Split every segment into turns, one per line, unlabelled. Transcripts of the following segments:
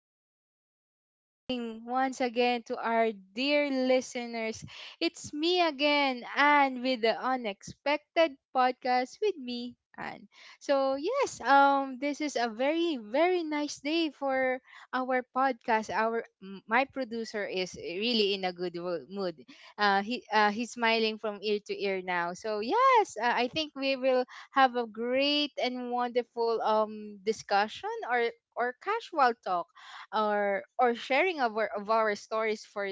good evening once again to our dear listeners. It's me again, and with the unexpected podcast with me, Anne. So yes, this is a very nice day for our podcast. My producer is really in a good mood. He he's smiling from ear to ear now. So yes, I think we will have a great and wonderful discussion or casual talk or sharing of of our stories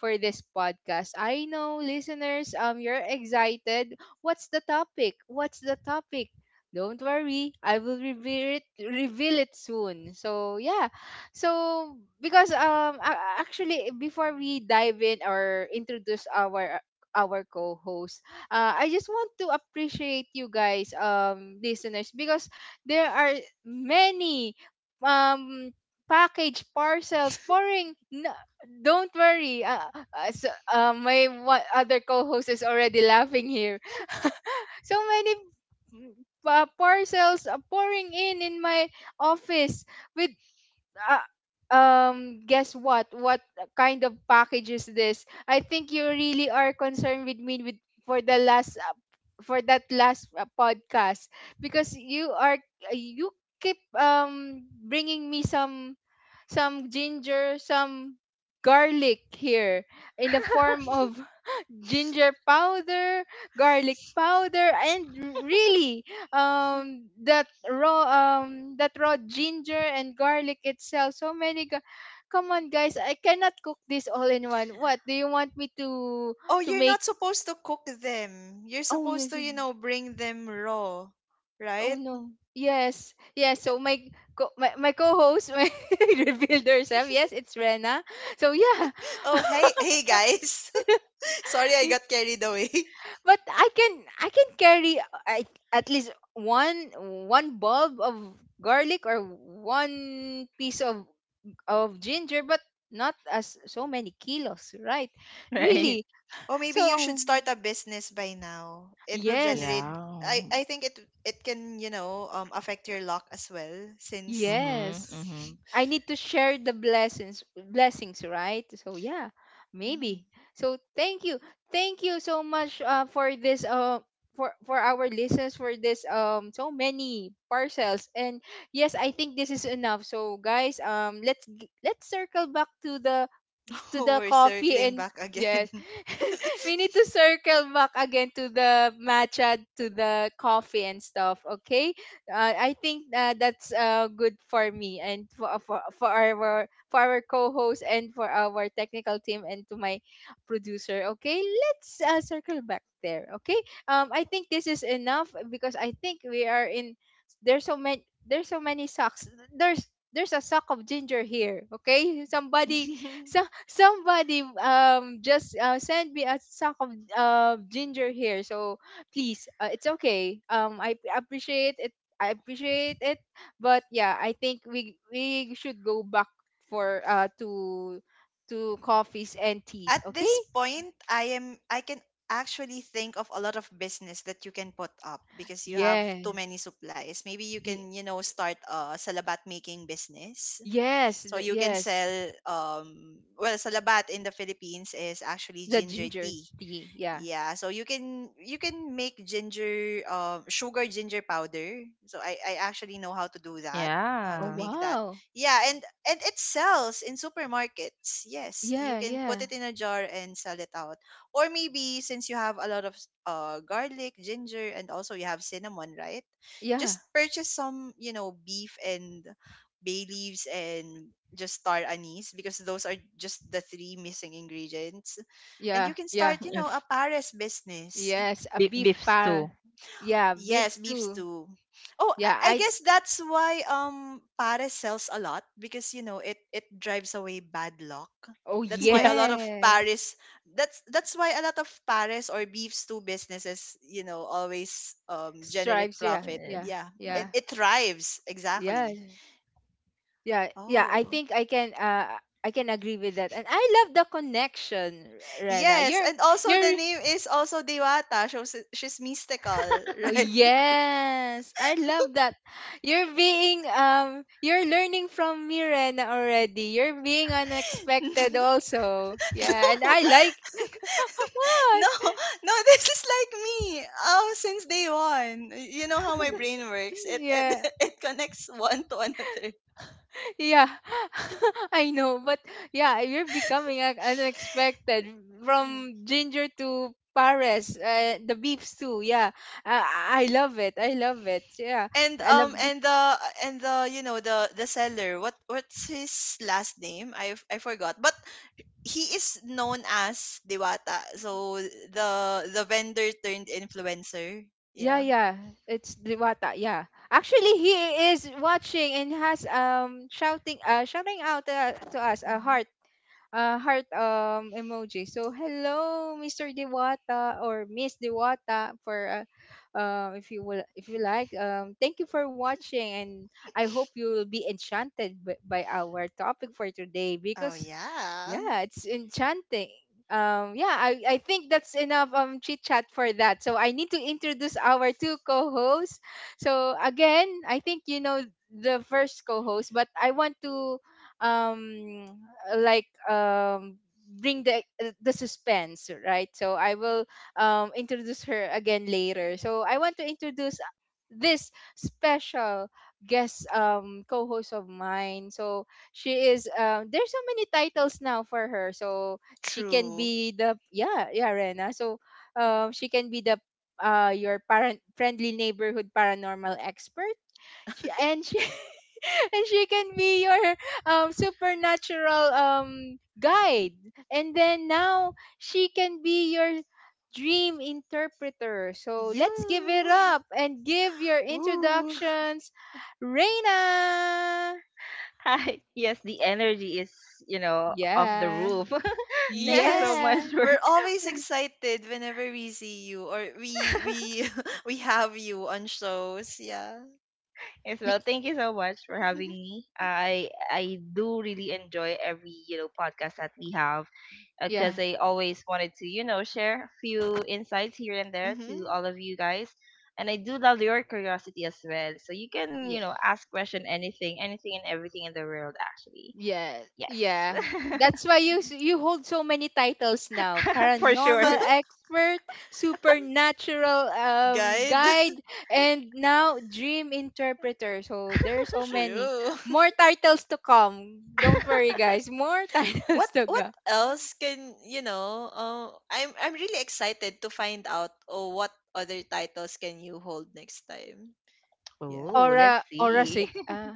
for this podcast. I know listeners, you're excited. What's the topic? What's the topic? Don't worry, I will reveal it soon. So yeah. So because actually, before we dive in or introduce our co-host, I just want to appreciate you guys, listeners, because there are many, um package parcel pouring. No, don't worry. My one, other co-host is already laughing here. So many, mm, parcels are pouring in my office with uh, guess what kind of package is this. I think you really are concerned with me, with for the last for that last podcast, because you are you keep bringing me some ginger, some garlic here in the form of ginger powder, garlic powder, and really, that raw ginger and garlic itself. So many. Come on, guys! I cannot cook this all in one. What do you want me to
Oh, you're
make?
not supposed to cook them. You're
Oh
supposed
yes,
to,
yes.
you know, bring them raw,
Oh
right?
no. Yes. Yes. So my co-host my revealed herself. Yes, it's Rena. So yeah.
Oh, hey, hey guys. Sorry I got carried away.
But I can carry, at least one bulb of garlic or one piece of ginger, but not as so many kilos, right?
Right?
Really.
Oh,
So
maybe you should start a business by now. It will
yes.
generate
Yeah.
I think it can, you know, affect your luck as well since.
Mhm.
Yes.
Mhm.
I need to share the blessings, right? So yeah,
Mm.
maybe. So thank you. Thank you so much for this for our listeners for this, so many parcels. And yes, I think this is enough. So guys, let's circle back to the
We're
coffee
circling
and
back again.
yes, we need to circle back again to the matcha, to the coffee and stuff. Okay, I think that's good for me and for, for our co-host and for our technical team and to my producer. Okay, let's circle back there. Okay, I think this is enough because I think we are in, there's so many socks, there's a sock of ginger here. Okay, somebody, so somebody just send me a sack of ginger here. So please, it's okay, appreciate it. I appreciate it. But yeah, I think we should go back for to coffees and
At
teas. Okay.
this point I can actually think of a lot of business that you can put up because you have
Yeah.
too many supplies. Maybe you
Ye-
can, you know, start a salabat making business,
yes,
so you can sell,
yes,
well, salabat in the Philippines is actually
the
ginger
ginger
tea.
tea. Yeah.
Yeah, so you can make ginger, sugar, ginger powder. So I actually know how to do that, how
Oh
to
Yeah.
make that.
wow.
Yeah, and it sells in supermarkets. Yes, you
Yeah,
can put
yeah,
it in a jar and sell it out. Or maybe, since you have a lot of garlic, ginger, and also you have cinnamon, right?
yeah,
Just purchase some, you know, beef and bay leaves and just star anise, because those are just the three missing ingredients, and
yeah,
you can
yeah.
start, you know, a
Yes.
Paris business.
Yes, a
Beef,
beef
beef
par.
stew.
Yeah, beef
Yes, beef
stew.
stew. Oh,
Yeah,
I
I,
guess that's why Paris sells a lot, because, you know, it drives away bad luck.
oh
That's why
Yeah.
a lot of
yes.
Paris, that's why a lot of Paris or beef stew businesses, you know, always generate
Stripes, yeah,
profit.
Eh,
yeah,
Yeah. It
yeah.
yeah,
it thrives,
yeah,
exactly.
yeah, yeah. I
Oh.
think I can, I can agree with that. And I love the connection, Rena.
Yes, and also the
You're
name is also Dewata. She's mystical,
Oh
right?
yes, I love that. You're being, you're learning from me, Rena, already. You're being unexpected also. Yeah, and
No.
I like. What?
No, no, this is like me. Oh, since day one. Y- You know how my brain works. It
Yeah.
it it connects one to another.
Yeah, I know, but yeah, you're becoming unexpected from ginger to Paris, the beefs too. Yeah, I love it. I love it. Yeah, I love.
And the, and the, you know, the seller, what what's his last name? I forgot. But he is known as Diwata. So the vendor turned influencer.
Yeah,
Yeah.
yeah, it's Diwata. Yeah, actually, he is watching and has, shouting, shouting out to us a
Hmm.
heart, heart emoji. So hello, Mr. Diwata or Miss Diwata, for if you will, if you like. Thank you for watching, and I hope you will be enchanted by our topic for today
Oh
because
yeah.
yeah, it's enchanting. Yeah, I think that's enough chit chat for that. So I need to introduce our two co-hosts. So again, I think you know the first co-host, but I want to um like um bring the suspense, right? So I will introduce her again later. So I want to introduce this special guest co-host of mine. So she is, there's so many titles now for her, so she can
True.
be the, yeah, yeah, Rena, so she can be the, your parent friendly neighborhood paranormal expert. She and she can be your supernatural guide, and then now she can be your dream interpreter. So let's give it
You.
up and give your
Woo.
introductions, Reina.
Hi. Yes, the energy is off the
Yeah.
roof. Thank you so
Yes,
Yeah.
much for.
we're always excited whenever we see you, or we we we have you on shows. Yeah.
Yes,
Y-
well, thank you so much for having me. I do really enjoy every podcast that we have,
Yeah.
because I always wanted to share a few insights here and there to
Hmm.
all of you guys, and I do love your curiosity as well. So you can you
Yeah.
know ask question anything, anything and everything in the world actually.
Yeah.
Yes,
Yeah. That's why you hold so many titles now.
for sure.
Paranormal expert, supernatural
Guide.
guide, and now dream interpreter. So there's so many.
True.
More titles to come. Don't worry guys. More titles to
What
go.
else, can you know? I'm really excited to find out, oh, what other titles can you hold next time. Yeah.
Oh, let's
Aura
see.
sig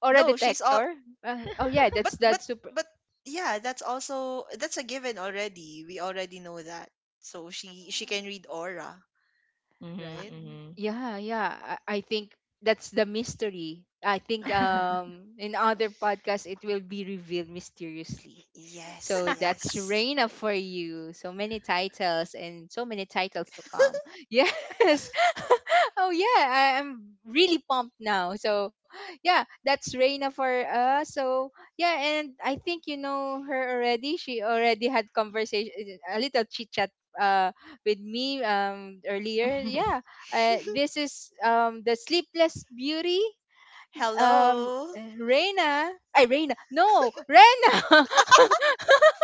aura
No, she's all,
detector. Oh yeah,
but
that's
but
that super.
but yeah, that's also, that's a given already. We already know that. So she can read aura,
Hmm
right?
hmm.
Yeah, yeah. I think that's the mystery. I think
Oh,
in other podcasts it will be revealed mysteriously.
yes,
So that's
yes.
Reina for you. So many titles and so many titles to come. Yes. Oh yeah, I am really pumped now. So yeah, that's Reina for us. So yeah, and I think you know her already. She already had conversation, a little chit chat uh with me earlier. Yeah, this is, the Sleepless Beauty. Um,
Hello.
Reina, I Reina, no, Rena.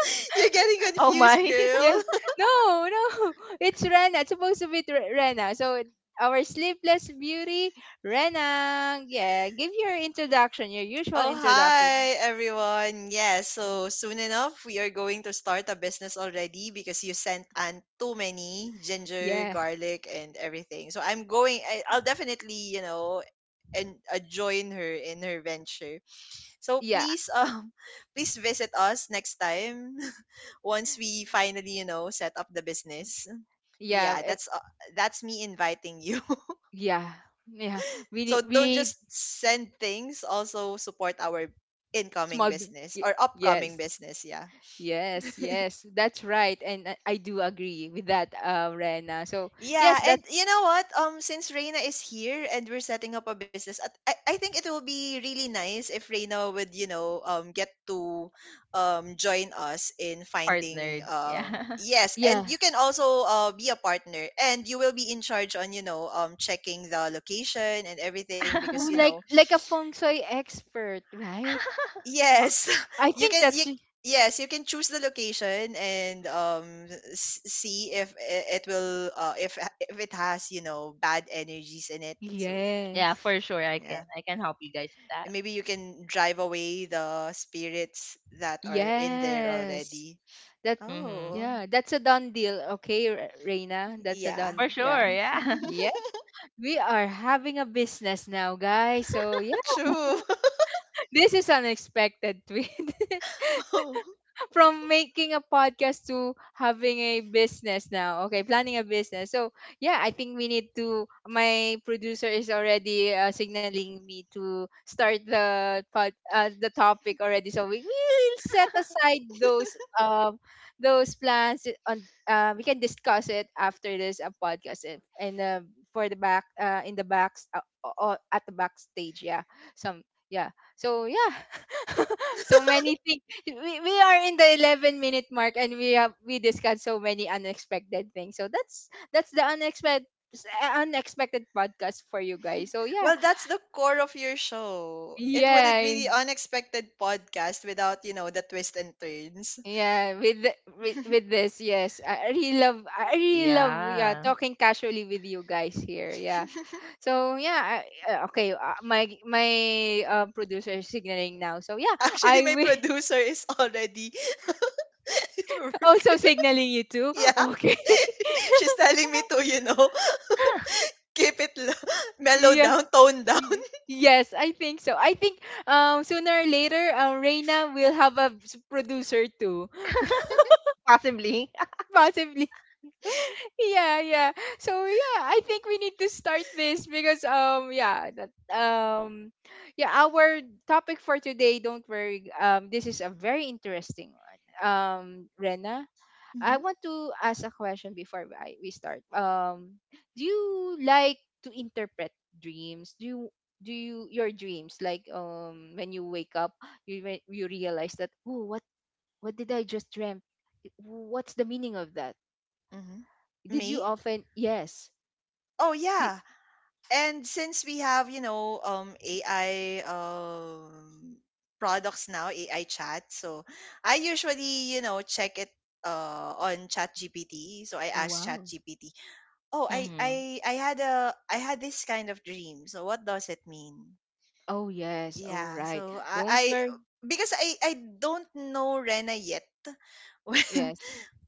You're getting
Oh
confused,
my.
Yeah,
girl.
no, no, it's Rena. It's supposed to be Rena. So our Sleepless Beauty, Rena. Yeah, give your introduction, your usual
Oh,
introduction.
hi, everyone. Yes, so soon enough, we are going to start a business already because you sent on too many ginger,
Yeah,
garlic, and everything. So I'm going, I'll definitely, you know, and join her in her venture. So
yeah,
please, please visit us next time. Once we finally, you know, set up the business.
yeah,
Yeah,
eh,
that's me inviting you.
yeah, yeah.
So
We
don't just
need
send things, also support our incoming
small.
business or upcoming
Yes.
business, yeah.
Yes, yes, that's right, and I do agree with that, Rena. So yes,
Yeah, and
that's
you know what? Since Reina is here and we're setting up a business, at- I think it will be really nice if Reina would, you know, get to join us in finding,
Partnered. Yeah.
yes, and
yeah.
you can also be a partner, and you will be in charge on, you know, checking the location and everything,
Oh,
because you
like
know.
like a feng shui expert, right?
Yes,
I
you
think
can you,
that's,
yes, you can choose the location, and s- see if I- it will if ha- if it has, you know, bad energies in it. So,
Yeah,
yes,
for sure I
yeah.
can. I can help you guys with
And
that.
maybe you can drive away the spirits that are in there
yes.
already.
That,
Mhm.
Oh,
yeah, that's a done deal. Okay, Reina, that's a
yeah.
done.
For
Yeah,
sure, yeah.
yeah. We are having a business now, guys. So yeah,
True.
this is unexpected tweet.
Oh
From making a podcast to having a business now. Okay, planning a business. So yeah, I think we need to, my producer is already signaling me to start the topic already. So we will set aside those plans on, we can discuss it after this podcast and, for the back in the back, at the backstage. Yeah, some. Yeah. So yeah, so many things. We are in the 11-minute mark, and we discussed so many unexpected things. So that's the unexpected podcast for you guys. So yeah.
well, that's the core of your show. It wouldn't
Yeah.
be the unexpected podcast without, you know, the twists and turns.
With, this, yes, I really love, yeah,
Yeah.
talking casually with you guys here. Yeah. So yeah, okay, my my producer is signaling now. So yeah,
Actually,
I
my
will
producer is already,
also signaling you too.
yeah.
Okay.
She's telling me to, you know, keep it low, mellow
Yeah.
down, tone down.
Ye- Yes, I think so. I think sooner or later Reina will have a producer too.
Possibly.
Possibly. Yeah, yeah. So yeah, I think we need to start this because yeah, our topic for today, don't worry. Um, this is a very interesting one. Um, Rena, I
Mhm.
want to ask a question before we start. Do you like to interpret dreams? Do you your dreams, like when you wake up, you you realize that, oh, what did I just dream? What's the meaning of that?
Mhm.
Did you
Me?
often? Yes?
Oh
Did,
yeah. And since we have, you know, AI products now, AI chat, so I usually, you know, check it on ChatGPT. So I ask
wow.
ChatGPT, "Oh,
Mhm.
I had a, I had this kind of dream. So what does it mean?"
Oh yes. Oh
Yeah.
right.
So I
Don't worry.
because I don't know Rena yet. When,
Yes.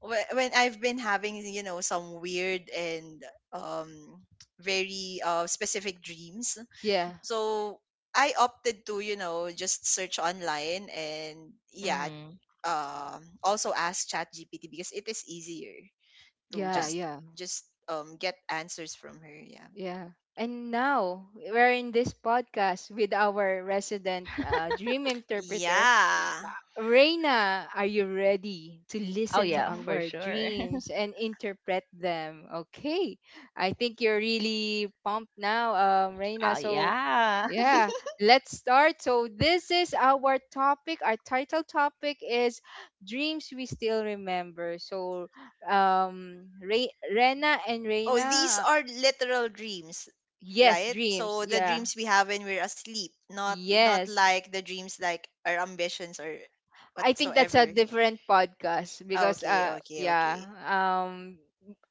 when I've been having, you know, some weird and um very specific dreams,
Yeah.
so I opted to, you know, just search online and yeah,
Mhm.
also ask ChatGPT because it is easier to
Yeah.
Yeah.
just
Yeah.
just get answers from her, yeah.
Yeah. And now we're in this podcast with our resident, dream interpreter
Yeah.
Reina. Are you ready to
Oh
listen to
yeah,
Hmm.
for
our
sure.
dreams and interpret them? Okay. I think you're really pumped now, Reina.
Oh
So
yeah.
yeah, let's start. So, this is our topic. Our title topic is Dreams We Still Remember. So, Rena and
Oh, these
Reina,
are literal dreams,
yes,
right?
dreams.
So the
Yeah.
dreams we have when we're asleep, not, not
Yes,
like the dreams like our ambitions or
I think that's a
whatsoever.
different podcast because
Okay, okay, okay.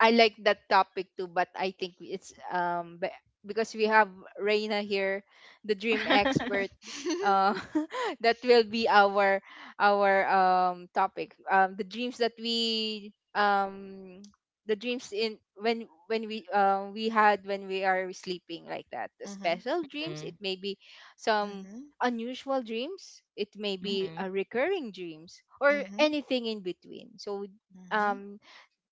I like that topic too, but I think it's because we have Reina here, the dream expert, uh that will be our topic, the dreams that we the dreams in, when we had when we are sleeping, like that. The
Mhm.
special dreams,
Mhm.
it may be some
Mhm.
unusual dreams, it may be
Mhm.
a recurring dreams or
Mhm.
anything in between. So
Mhm.
um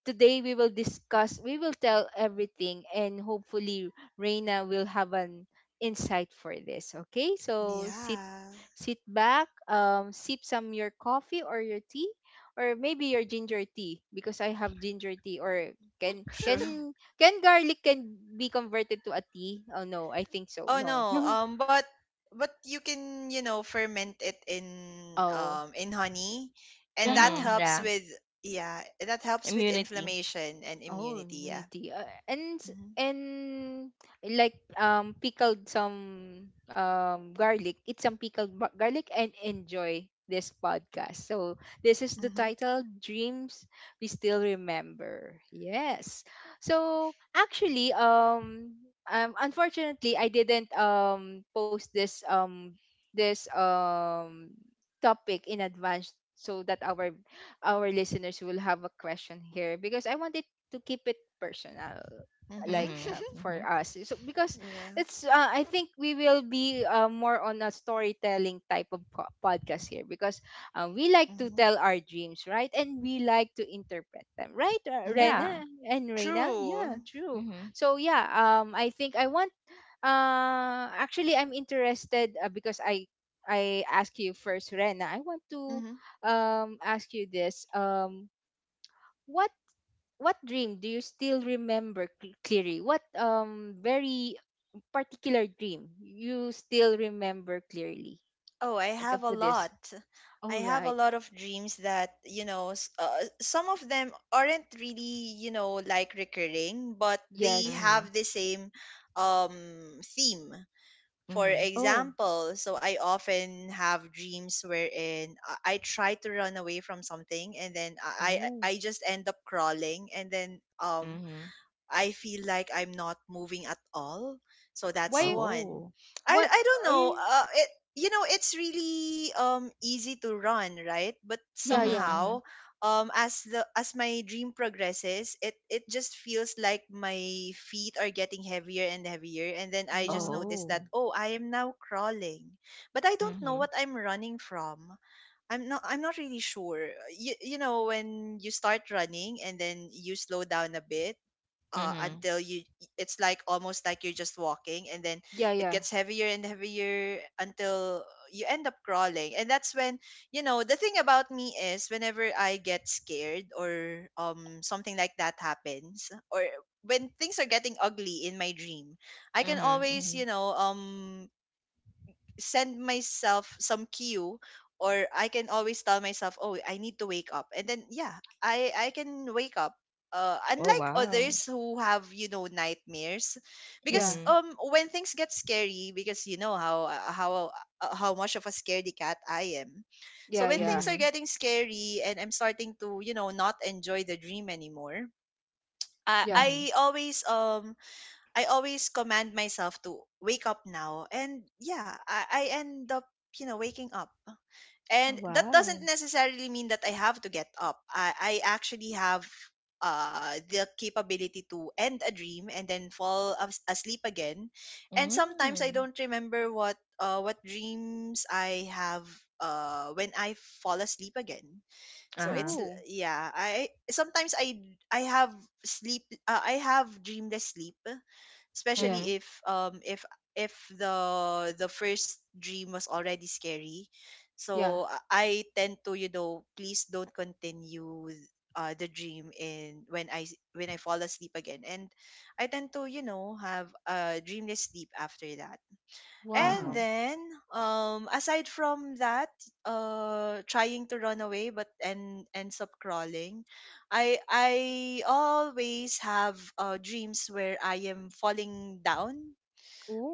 today we will discuss, we will tell everything, and hopefully Reina will have an insight for this. Okay, so sit
Yeah,
back, sip some your coffee or your tea, or maybe your ginger tea because I have ginger tea. Or can
true.
can can garlic can be converted to a tea? Oh no, I think so.
Oh
No.
no, but you can, you know, ferment it
No, oh
in honey, and that
Mhm.
yeah.
helps
Yeah.
with, yeah, that helps with
Immunity.
inflammation and
Oh,
immunity. Yeah.
meaty, tea. And
Mhm.
and like pickled some garlic. It's some garlic, and enjoy this podcast. So this is the
Mhm.
title Dreams We Still Remember. Yes. So actually, unfortunately I didn't post this this topic in advance, so that our listeners will have a question here, because I wanted to keep it personal,
Mhm.
like,
Mhm.
for
Mhm.
us. So because
Yeah.
it's I think we will be, more on a storytelling type of podcast here, because, we like to
Mhm.
tell our dreams, right? And we like to interpret them, right,
Mhm.
Rena
Yeah.
and Reina? Yeah,
True.
true.
Mhm.
So yeah, I think I want, actually I'm interested, because I ask you first, Rena. I want to
Mm-hmm.
ask you this, what what dream do you still remember clearly? What very particular dream you still remember clearly?
Oh, I
At. Up
have a
to this.
lot. I
Oh,
have a
right.
lot of dreams that, you know, s- some of them aren't really, you know, like recurring, but they
Yes.
Mhm.
have the same theme. For
Mhm.
Oh.
example, so I often have dreams wherein I try to run away from something, and then I
Oh.
I I just end up crawling, and then
Mhm.
I feel like I'm not moving at all. So that's
Why?
one.
Oh.
I
What?
I don't know.
eh,
It you know it's really easy to run, right? But
Yeah.
Mhm.
Yeah.
Mhm.
somehow as the, as my dream progresses, it just feels like my feet are getting heavier and heavier, and then I just
Wow.
notice
Oh.
that, oh, I am now crawling. But I don't know
Mhm.
what I'm running from. I'm not really sure. You know when you start running and then you slow down a bit,
Mhm.
until you, it's like almost like you're just walking, and then
Yeah.
it
Yeah.
gets heavier and heavier until you end up crawling. And that's when, you know, the thing about me is whenever I get scared, or something like that happens, or when things are getting ugly in my dream, I can
Mhm.
always,
Mhm.
you know, send myself some cue, or I can always tell myself, "Oh, I need to wake up." And then yeah, I can wake up.
Oh
Unlike
wow.
others who have, you know, nightmares, because
Yeah.
Mhm.
when things get scary, because you know how how much of a scaredy cat I am.
Yeah.
So when
Yeah.
things are
Mhm.
getting scary, and I'm starting to, you know, not enjoy the dream anymore, I I
Yeah.
Mhm.
always um I always command myself to wake up now. And yeah, I end up, you know, waking up.
Oh,
And that
wow.
doesn't necessarily mean that I have to get up. I actually have, the capability to end a dream and then fall as- asleep again. And sometimes I
Mm.
don't remember what dreams I have, when I fall asleep again. So
Uh-huh.
it's l-
Oh.
yeah, I sometimes I have sleep, I have dreamless sleep,
Yeah.
Mhm.
especially if if the the first dream was already scary.
Yeah.
So I tend to, you know, please don't continue the dream in when I s- when I fall asleep again, and I tend to, you know, have a dreamless sleep after that. And
Uh-huh.
Wow.
then, aside from that, trying to run away but and ends up crawling, I always have, dreams where I am falling down,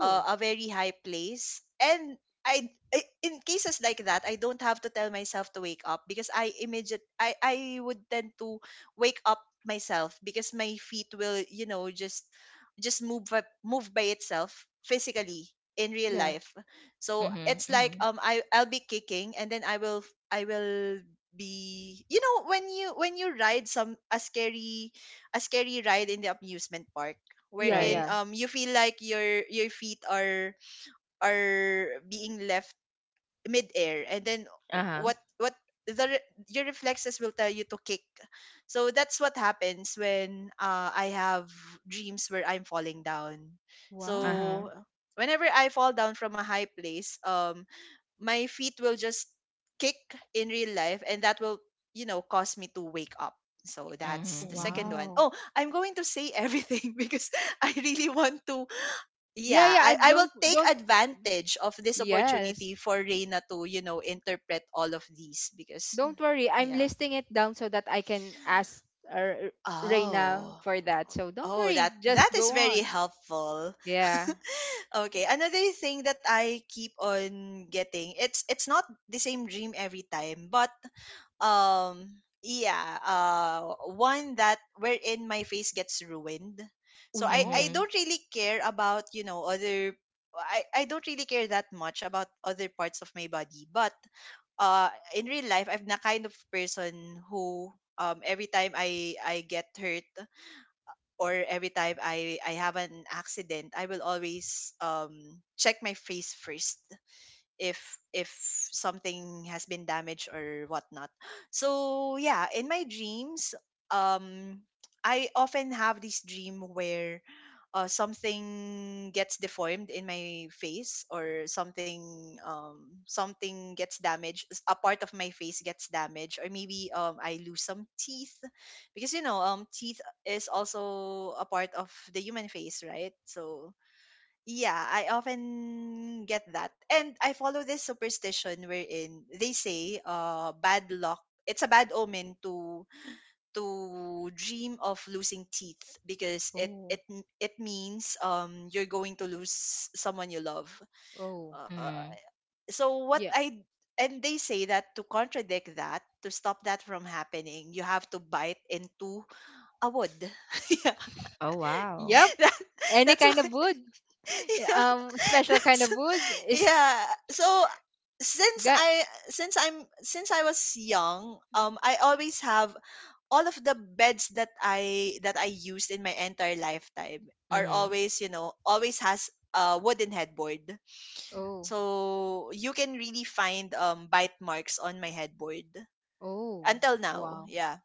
a very high place. And I in cases like that, I don't have to tell myself to wake up, because I immediate I would tend to wake up myself, because my feet will, you know, just move by, move by itself physically in real
Yeah.
life. So
Mhm.
it's like
Mhm.
I I'll be kicking, and then I will be, you know, when you ride some, a scary, a scary ride in the amusement park,
Yeah.
wherein
Right.
Yeah.
you feel like your feet are being left midair. And then
Uh-huh.
what the re- your reflexes will tell you to kick. So that's what happens when, I have dreams where I'm falling down.
Wow.
Uh-huh.
So whenever I fall down from a high place, my feet will just kick in real life, and that will, you know, cause me to wake up. So
Mhm.
that's the second
Mhm.
one.
Wow.
Oh, I'm going to say everything because I really want to,
Yeah.
yeah,
Yeah. I
I will
don't.
take
Don't.
advantage of this
Yes.
opportunity for Reina to interpret all of these because
Don't worry, I'm
yeah.
listing it down so that I can ask, Reina
Oh,
for that. So don't
oh
worry,
that that
just
is
go
very
on.
helpful.
Yeah.
Okay, another thing that I keep on getting, it's not the same dream every time, but um yeah uh one that wherein my face gets ruined. So I
Whoa.
Mhm.
don't really care about other I don't really care that much about other parts of my body, but uh in real life I'm the kind of person who every time I get hurt, or every time I have an accident, I will always check my face first, if something has been damaged or whatnot. So yeah, in my dreams, um, I often have this dream where something gets deformed in my face, or something, something gets damaged, a part of my face gets damaged, or maybe I lose some teeth, because you know, teeth is also a part of the human face, right? So yeah, I often get that. And I follow this superstition wherein they say, bad luck, it's a bad omen to dream of losing teeth, because
Oh.
it means you're going to lose someone you love.
Oh.
Uh,
Mhm.
so what
Yeah.
I and they say that to contradict that, to stop that from happening, you have to bite into a wood. Yeah.
Oh, wow.
Yep.
That,
Any
that's
kind
why.
of wood.
Yeah.
Special kind
That's.
of wood is
Yeah, so since
got.
i since I was young, I always have, all of the beds that I used in my entire lifetime are
Mhm.
always, always has a wooden headboard,
Oh.
so you can really find bite marks on my headboard
Oh.
until now,
Wow.
yeah.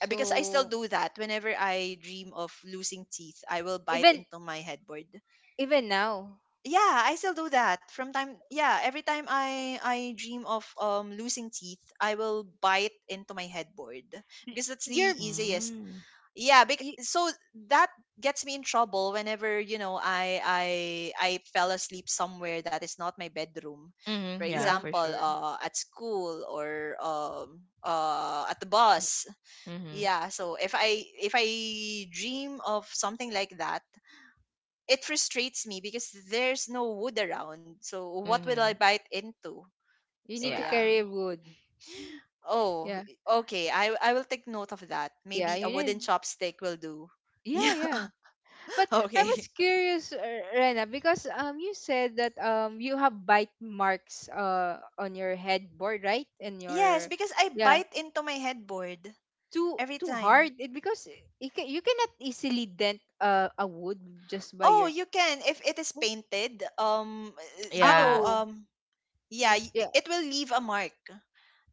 Because I still do that. Whenever I dream of losing teeth, I will bite
even
into my headboard.
even now,
Yeah, I still do that from time— yeah, every time I dream of losing teeth, I will bite into my headboard,
y-
because that's the
you're
easiest.
Mm.
yeah bec-
y-
so that gets me in trouble whenever you know I fell asleep somewhere that is not my bedroom, for
Mhm. Yeah,
yeah.
for
example,
sure.
at school, or at the
S-
bus.
Mhm.
Yeah, so if I dream of something like that, it frustrates me because there's no wood around. So what will I
Mhm.
bite into?
You
So
need to
yeah.
Yeah.
carry wood.
Oh,
yeah.
okay. I will take note of that.
Yeah.
Maybe a
You
wooden
need.
chopstick will do.
Yeah.
Yeah.
Yeah. But I was
Okay.
curious, Rena, because you said that you have bite marks on your headboard, right? And
Yes,
your
because I
yeah,
bite into my headboard
too
every
too hard
time.
it, because you cannot easily dent, a wood just by
Oh,
your.
you can, if it is painted. You know,
Yeah.
Oh,
um, yeah,
yeah,
it will leave a mark,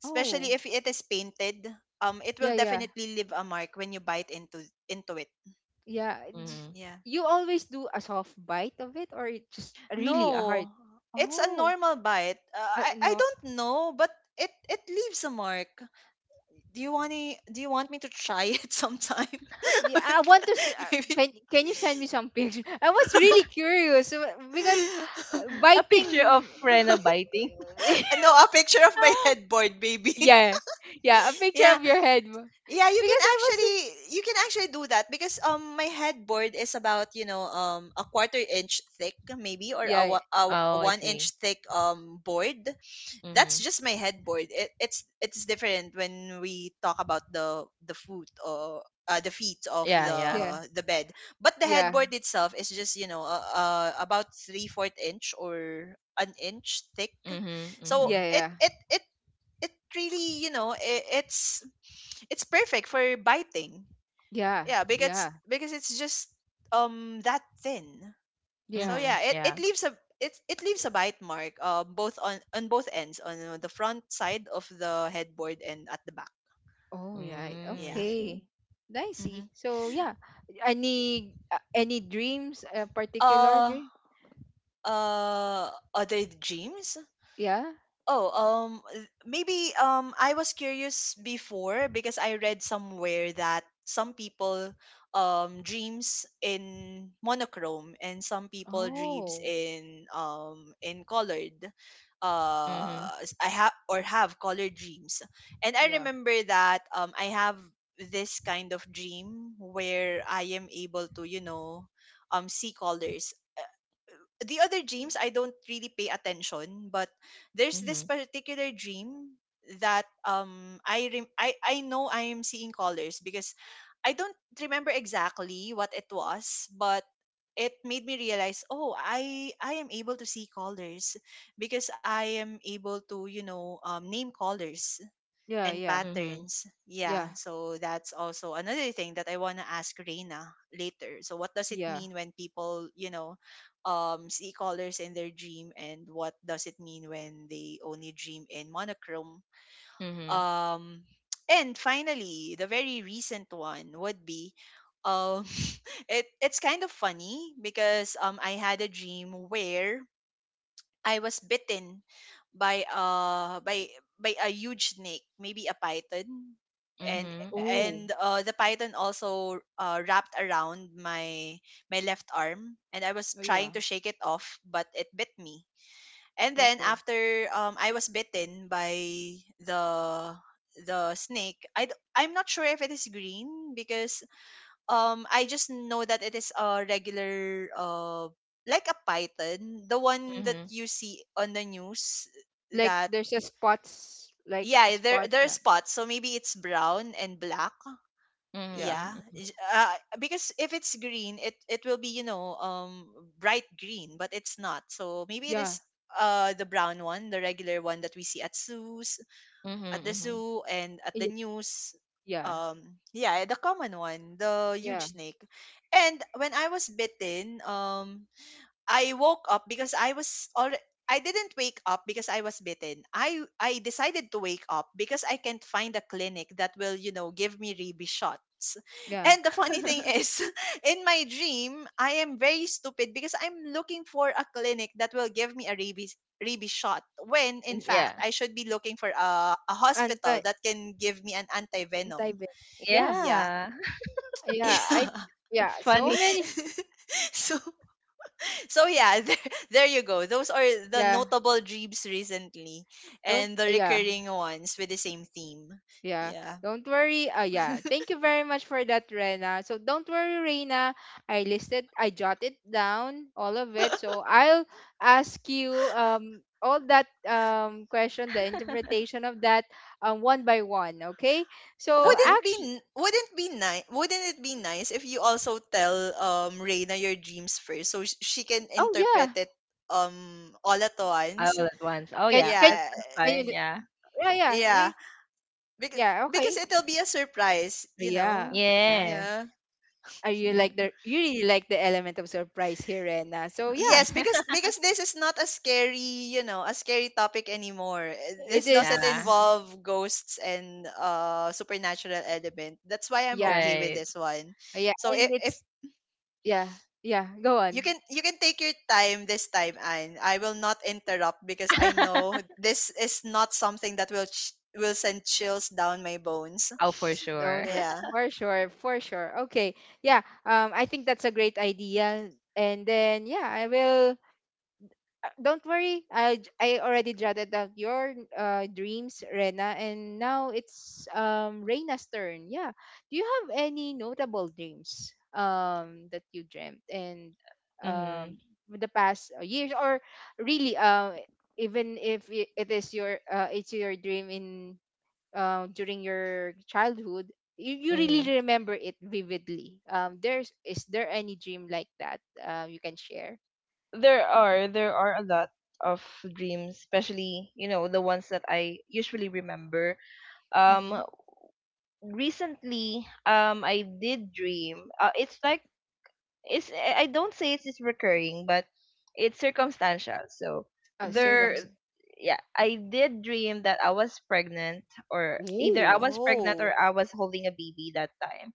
especially
oh
if it is painted. It will
yeah, yeah,
definitely leave a mark when you bite into it.
yeah.
Mhm.
Yeah.
You always do a soft bite of it, or it just really a hard.
No, it's a
Oh,
normal bite. I
no.
don't know, but it leaves a mark. Do you want me to try it sometime?
Yeah, I
With-
want to.
Maybe.
Can you send me some picture? I was really curious, because,
A picture of
biting.
Freno biting.
No, a picture of my headboard, baby.
yeah, yeah, a picture
Yeah,
of your
yeah.
because I was.
You can actually do that, because my headboard is about, you know, a quarter inch thick maybe, or
Yeah,
a
Oh, I
one
see.
inch thick board. That's
Mhm.
just my headboard. It's different when we talk about the foot or the feet of
Yeah, yeah.
yeah,
the bed. But the
yeah,
headboard itself is just, you know, about 3/4 inch or an inch thick.
Mhm.
So
yeah,
Mhm.
it
yeah,
it it it really, it's perfect for biting.
yeah,
Yeah, because
yeah,
because it's just that thin. So
yeah.
yeah,
Mhm.
it,
Yeah.
it leaves a it it leaves a bite mark, both on both ends, on the front side of the headboard and at the back.
Oh yeah,
Mm, I
Yeah.
see.
okay. I
Mm-hmm.
see. So yeah,
Yeah.
any dreams, particular
Uh
dream?
other gyms.
Yeah.
Oh, maybe I was curious before because I read somewhere that some people dreams in monochrome, and some people dreams
Oh
in colored.
Mhm.
I have, or have colored dreams, and I
yeah,
remember that I have this kind of dream where I am able to see colors. The other dreams I don't really pay attention, but there's this
Mhm.
particular dream that I know I am seeing colors, because I don't remember exactly what it was, but it made me realize, oh, I am able to see colors, because I am able to name colors
yeah,
and
yeah,
Mhm.
patterns. Yeah,
yeah,
so that's also another thing that I want to ask Reina later. So what does it
yeah.
mean when people, see colors in their dream, and what does it mean when they only dream in monochrome?
Mhm.
Um and finally, the very recent one would be, um it's kind of funny because I had a dream where I was bitten by uh by by a huge snake, maybe a python, and
Mhm, mhm,
Oh.
and the python also, wrapped around my left arm, and I was
Oh yeah.
trying to shake it off, but it bit me. And then
Okay.
after I was bitten by the the snake, I'm not sure if it is green, because I just know that it is a regular, like a python, the one that
mhm,
you see on the news.
Like
That
there's a spots, like
yeah, there
spot,
there are
yeah.
spots, so maybe it's brown and black.
Yeah.
mhm,
Yeah,
mhm,
Because if it's green, it will be, bright green, but it's not. So maybe it
Yeah.
is the brown one, the regular one that we see at zoos
mhm,
at the
mhm.
zoo and at the
Yeah.
news.
Yeah.
Yeah, the common one, the
Yeah.
huge snake. And when I was bitten, I woke up because I was already— I didn't wake up because I was bitten. I decided to wake up because I can't find a clinic that will, give me rabies shots.
Yeah.
And the funny thing
N-
is, in my dream, I am very stupid because I'm looking for a clinic that will give me a rabies shot, when in fact
Yeah.
I should be looking for a
Anti
hospital that can give me an antivenom.
anti Yeah.
Yeah.
Yeah.
Yeah. I
Yeah.
yeah,
That's
so
funny.
many,
so so yeah, there you go. Those are the
yeah.
notable dreams recently,
Don't,
and the
yeah.
recurring ones with the same theme.
Yeah,
Yeah.
don't worry. Yeah, thank you very much for that, Rena. So don't worry, Rena. I jotted down all of it. So I'll ask you all that question, the interpretation of that, one by one. Okay. So
Okay.
actually,
Wouldn't it be nice if you also tell Reina your dreams first, so she can
oh
interpret
yeah,
it, all at once?
All at once. Oh,
can
yeah.
can
That's,
Yeah.
that's
can you?
fine. Yeah.
Yeah, yeah,
Yeah.
we.
Because
Yeah,
because
okay.
it'll be a surprise, you
Yeah,
know.
yeah.
Yes.
Yeah.
Are you, like the
Mhm.
you really like the element of surprise here, Rena? So yeah,
Yes, because because this is not a scary, a scary topic anymore. Eh, this
it
doesn't
Yeah.
is.
involve ghosts and supernatural element. That's why I'm
Yeah,
okay with
Right.
this one.
yeah.
So if,
And
if
it's. Yeah, yeah, go on.
you can take your time this time, and I will not interrupt because I know this is not something that will send chills down my bones.
Oh, for sure.
Don't worry.
Yeah.
For sure, for sure. Okay. Yeah, I think that's a great idea. And then yeah, I will, don't worry. I already jotted down your dreams, Rena, and now it's Reina's turn. Yeah. Do you have any notable dreams, that you dreamt, and um
Mhm.
with the past, years? Or really, even if, it is your, it's your dream in, during your childhood, you really
Mhm.
remember it vividly. There's is there any dream like that, you can share?
There are a lot of dreams, especially you know, the ones that I usually remember.
Mhm.
Um recently, I did dream. It's like it's I don't say it's recurring, but it's circumstantial. So
Oh, circums.
there,
Mm.
yeah, I did dream that I was pregnant, or either I
Ooh,
was pregnant
Oh.
or I was holding a baby that time.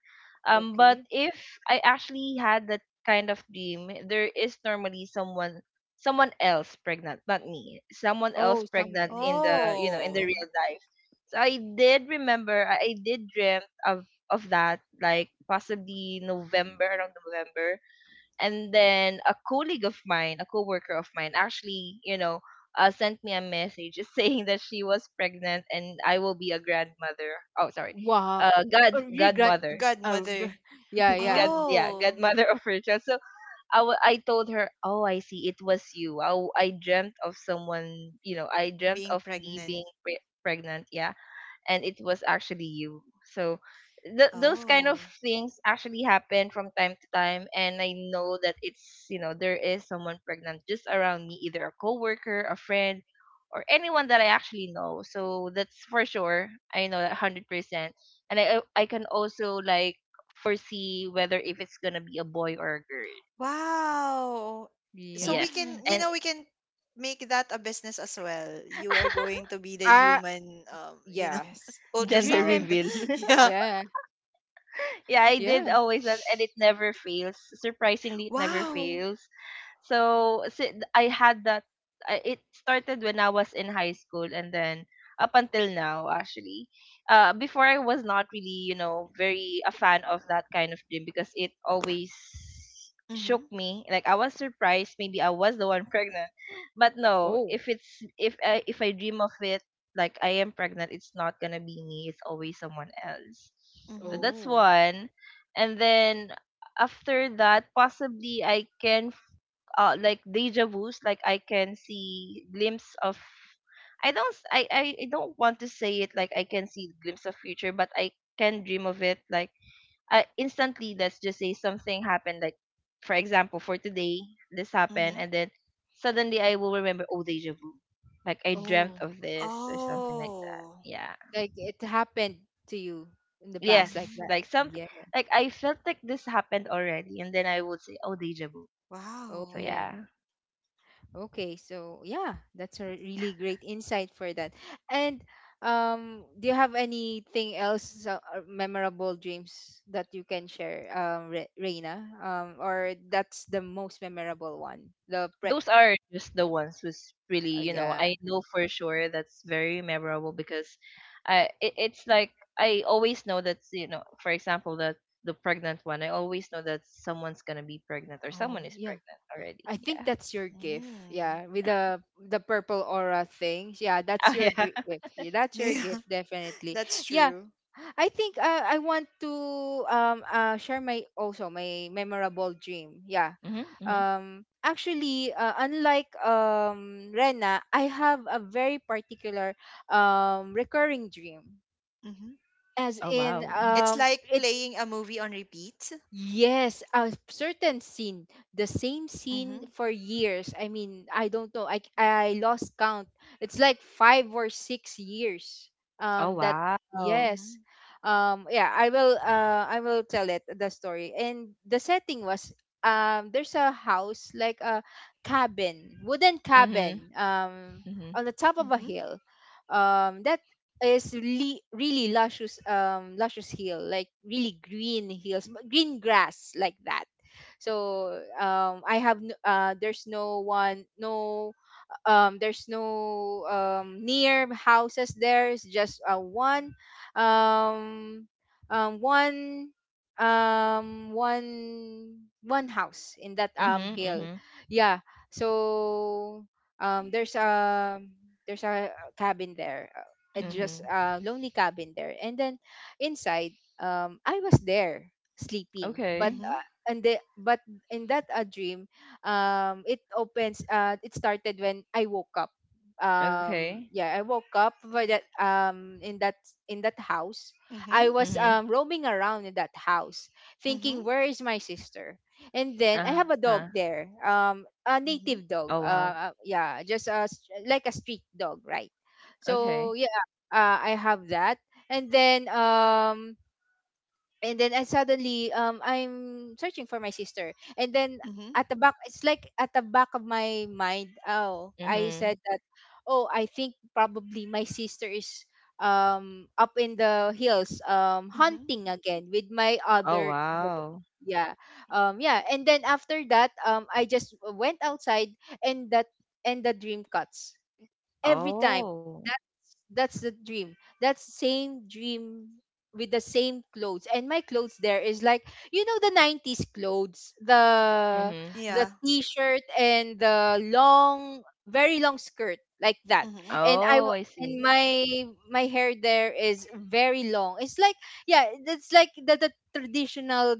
But
okay.
if I actually had that kind of dream, there is normally someone else pregnant, not me, someone else
Oh,
pregnant
someone.
in the
Oh.
real life. So I did remember, I did dream of that, like possibly November, around November, and then a colleague of mine, a coworker of mine, actually, sent me a message saying that she was pregnant and I will be a grandmother. Oh, sorry,
Wow. You got.
godmother,
Uh, g-
Godmother.
yeah, yeah,
god yeah,
Oh,
godmother of her child. So I told her, oh, I see, it was you. I dreamt of someone. I dreamt
being
of me
pregnant.
being pregnant. Yeah, and it was actually you. So those kind of
Oh,
things actually happen from time to time, and I know that it's you know there is someone pregnant just around me, either a coworker, a friend, or anyone that I actually know. So that's for sure. I know that 100%, and I can also like foresee whether if it's gonna be a boy or a girl.
wow. So we
Yes,
can,
yeah.
you
and
know, we can make that a business as well. You are going to be the
Ah,
human,
yes.
gender
Dreaming.
ultrasound.
reveal.
Yeah.
Yeah,
Yeah, I did
yeah.
always that, and it never fails. Surprisingly, it never
Wow.
fails. So, I had that. It started when I was in high school, and then up until now, actually. Before I was not really, you know, very a fan of that kind of dream because it always
Mm-hmm.
shook me. Like I was surprised. Maybe I was the one pregnant, but no.
Oh,
If I dream of it like I am pregnant, it's not gonna be me, it's always someone else. So
Mm-hmm.
that's
oh,
one. And then after that, possibly I can like deja vu's, like I can see glimpse of. I don't s- I don't want to say it like I can see glimpse of future, but I can dream of it like instantly. Let's just say something happened, like, for example, for today this happened
Mm-hmm.
and then suddenly I will remember, oh, deja vu, like I dreamt
oh.
of this or something like that.
Oh.
Yeah.
Like it happened to you in the past, like
Yes,
that.
Mm-hmm.
like some,
Yeah.
like, I felt like this happened already and then I would say, oh, deja vu.
Oh,
So
Wow.
yeah.
yeah,
Okay, so yeah, that's a really great insight for that. And do you have anything else, memorable dreams that you can share, Reina? Or that's the most memorable one? The pre,
those are just the ones who's really,
yeah.
I know for sure, that's very memorable because it's like I always know that, for example, that the pregnant one, I always know that someone's gonna be pregnant or someone
Oh,
is
yeah.
pregnant already.
I think
Yeah.
that's your gift.
Mm.
Yeah, with the purple aura thing. Yeah, that's
Oh
your
yeah.
gift. Yeah, that's your
Yeah,
gift, definitely.
that's
Yeah,
true.
I think, I want to, share my, also my memorable dream. Yeah.
Hmm hmm.
Actually, unlike Rena, I have a very particular, recurring dream.
Mm-hmm.
As
Oh
in,
wow. Hmm.
It's like
it.
playing a movie on repeat.
Yes, a certain scene, the same
Mm-hmm.
scene for years. I mean, I don't know. I lost count. It's like 5 or 6 years.
Oh
That.
wow.
Yes.
Mm-hmm.
Yeah, I will tell it the story. And the setting was, there's a house, like a cabin, wooden
Mm-hmm.
cabin,
Mm-hmm.
on the top of a
Mm-hmm.
hill. That is really, really luscious, luscious hill, like really green hills, green grass like that. So there's no one, there's no, near houses there. It's just, um um one one house in that,
Mm-hmm.
hill.
Mm-hmm.
Yeah. So um there's a there's a cabin there, it
Mm-hmm.
just
Hmm.
a lonely cabin there. And then inside, I was there sleeping. But,
Okay.
Mm-hmm.
but in that, dream. It started when I woke up.
Okay.
Yeah, I woke up. But that, in that house I
Mm-hmm.
was,
Mm-hmm.
roaming around in that house, thinking where is my sister. And then I have
Uh-huh.
a dog there, a
Mm-hmm.
Oh
native dog,
wow.
yeah, just a, like a street dog, right?
Mhm.
Okay.
So yeah. I have that. And then, and then I suddenly, I'm searching for my sister. And then
Mhm.
at the back, it's like at the back of my mind, oh, I
Mm-hmm.
said that, oh, I think probably my sister is, up in the hills,
Mhm.
hunting again with my
Oh
other dog.
wow.
Yeah. Yeah and then after that, I just went outside. And that, and the dream cuts every time.
Oh.
That's the dream. That's same dream with the same clothes. And my clothes there is like, the 90s clothes, the
Mhm.
the
Yeah.
t-shirt, and the long, very long skirt like that.
Mhm.
And I
Oh,
w-
I
and
see.
my hair there is very long. It's like yeah, it's like the traditional,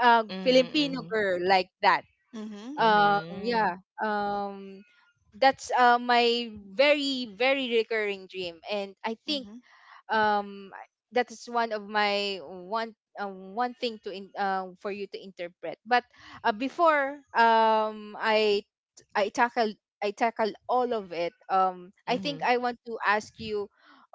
Mhm,
Filipino
mhm.
girl like that.
Mhm.
um yeah
Mhm.
um that's, my very, very recurring dream. And I think,
Mhm.
um that is one of my, one thing to in, for you to interpret. But, before, i tackle I tackle all of it, I think
Mhm.
I want to ask you,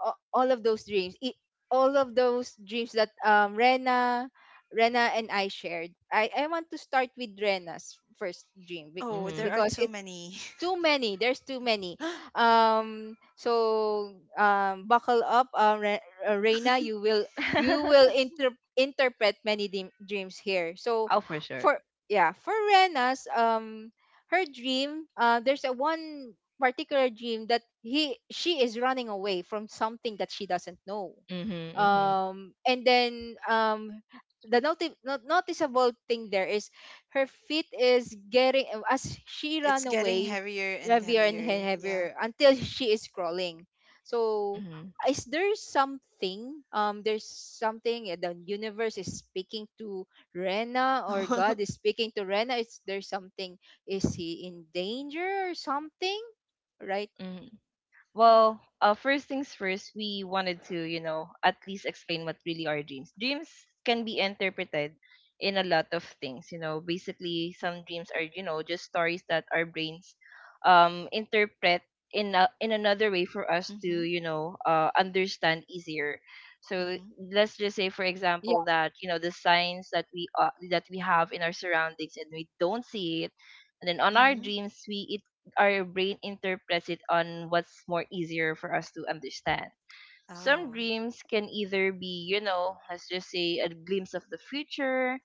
all of those dreams, all of those dreams that, Rena and I shared. I want to start with Rena's first dream,
Oh, there
Mhm.
are
because
too
it,
many.
too many, there's too many. So buckle up, Reina. You will interpret many dreams here. So
Oh, for sure.
for yeah, for Rena's, her dream, there's a one particular dream that he she is running away from something that she doesn't know,
Mhm, mhm.
and then, the not noticeable thing there is her feet is getting, as she ran
It's getting
away,
heavier and
heavier and
heavier. Yeah.
heavier, until she is crawling. So,
Mhm.
is there something? There's something, the universe is speaking to Rena, or God is speaking to Rena. Is there something? Is he in danger or something? Right?
Mhm. Well, first things first, we wanted to, you know, at least explain what really are dreams. Dreams can be interpreted in a lot of things. Basically, some dreams are, just stories that our brains interpret in another way for us to,
Mhm.
you know, uh understand easier. So
Mhm.
let's just say, for
Yeah,
example, that you know the signs that we have in our surroundings and we don't see it, and then on our
Mhm.
dreams we it our brain interprets it on what's more easier for us to understand. Some
Oh.
dreams can either be, let's just say, a glimpse of the future,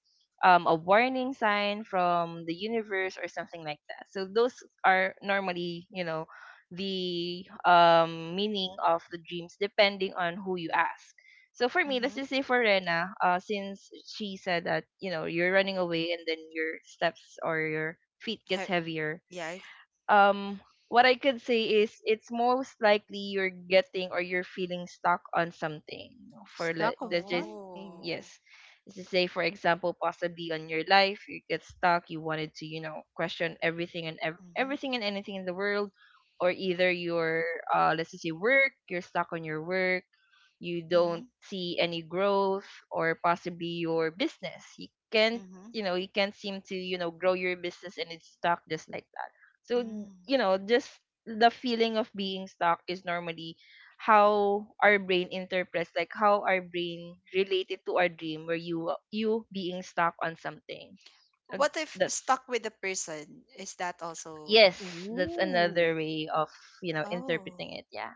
a warning sign from the universe, or something like that. So those are normally, the meaning of the dreams depending on who you ask. So for me, let's
Mhm.
just say for Rena, since she said that you're running away and then your steps or your feet gets
He-
heavier,
yeah.
um what I could say is it's most likely you're getting or you're feeling stuck on something. For let
stuck of
let's just,
something.
Oh.
yes, let's just say, for example, possibly on your life you get stuck, you wanted to you know question everything, and ev-
Mhm.
everything and anything in the world, or either your let's just say work, you're stuck on your work, you don't
Mhm.
see any growth, or possibly your business, you can't
Mhm.
you know you can't seem to you know grow your business, and it's stuck just like that. So,
Mm.
you know, just the feeling of being stuck is normally how our brain interprets, like how our brain related to our dream, where you being stuck on something. Uh,
What if
That's
stuck with the person? Is that also?
yes, that's another
Ooh,
way of
Oh,
interpreting it. Yeah,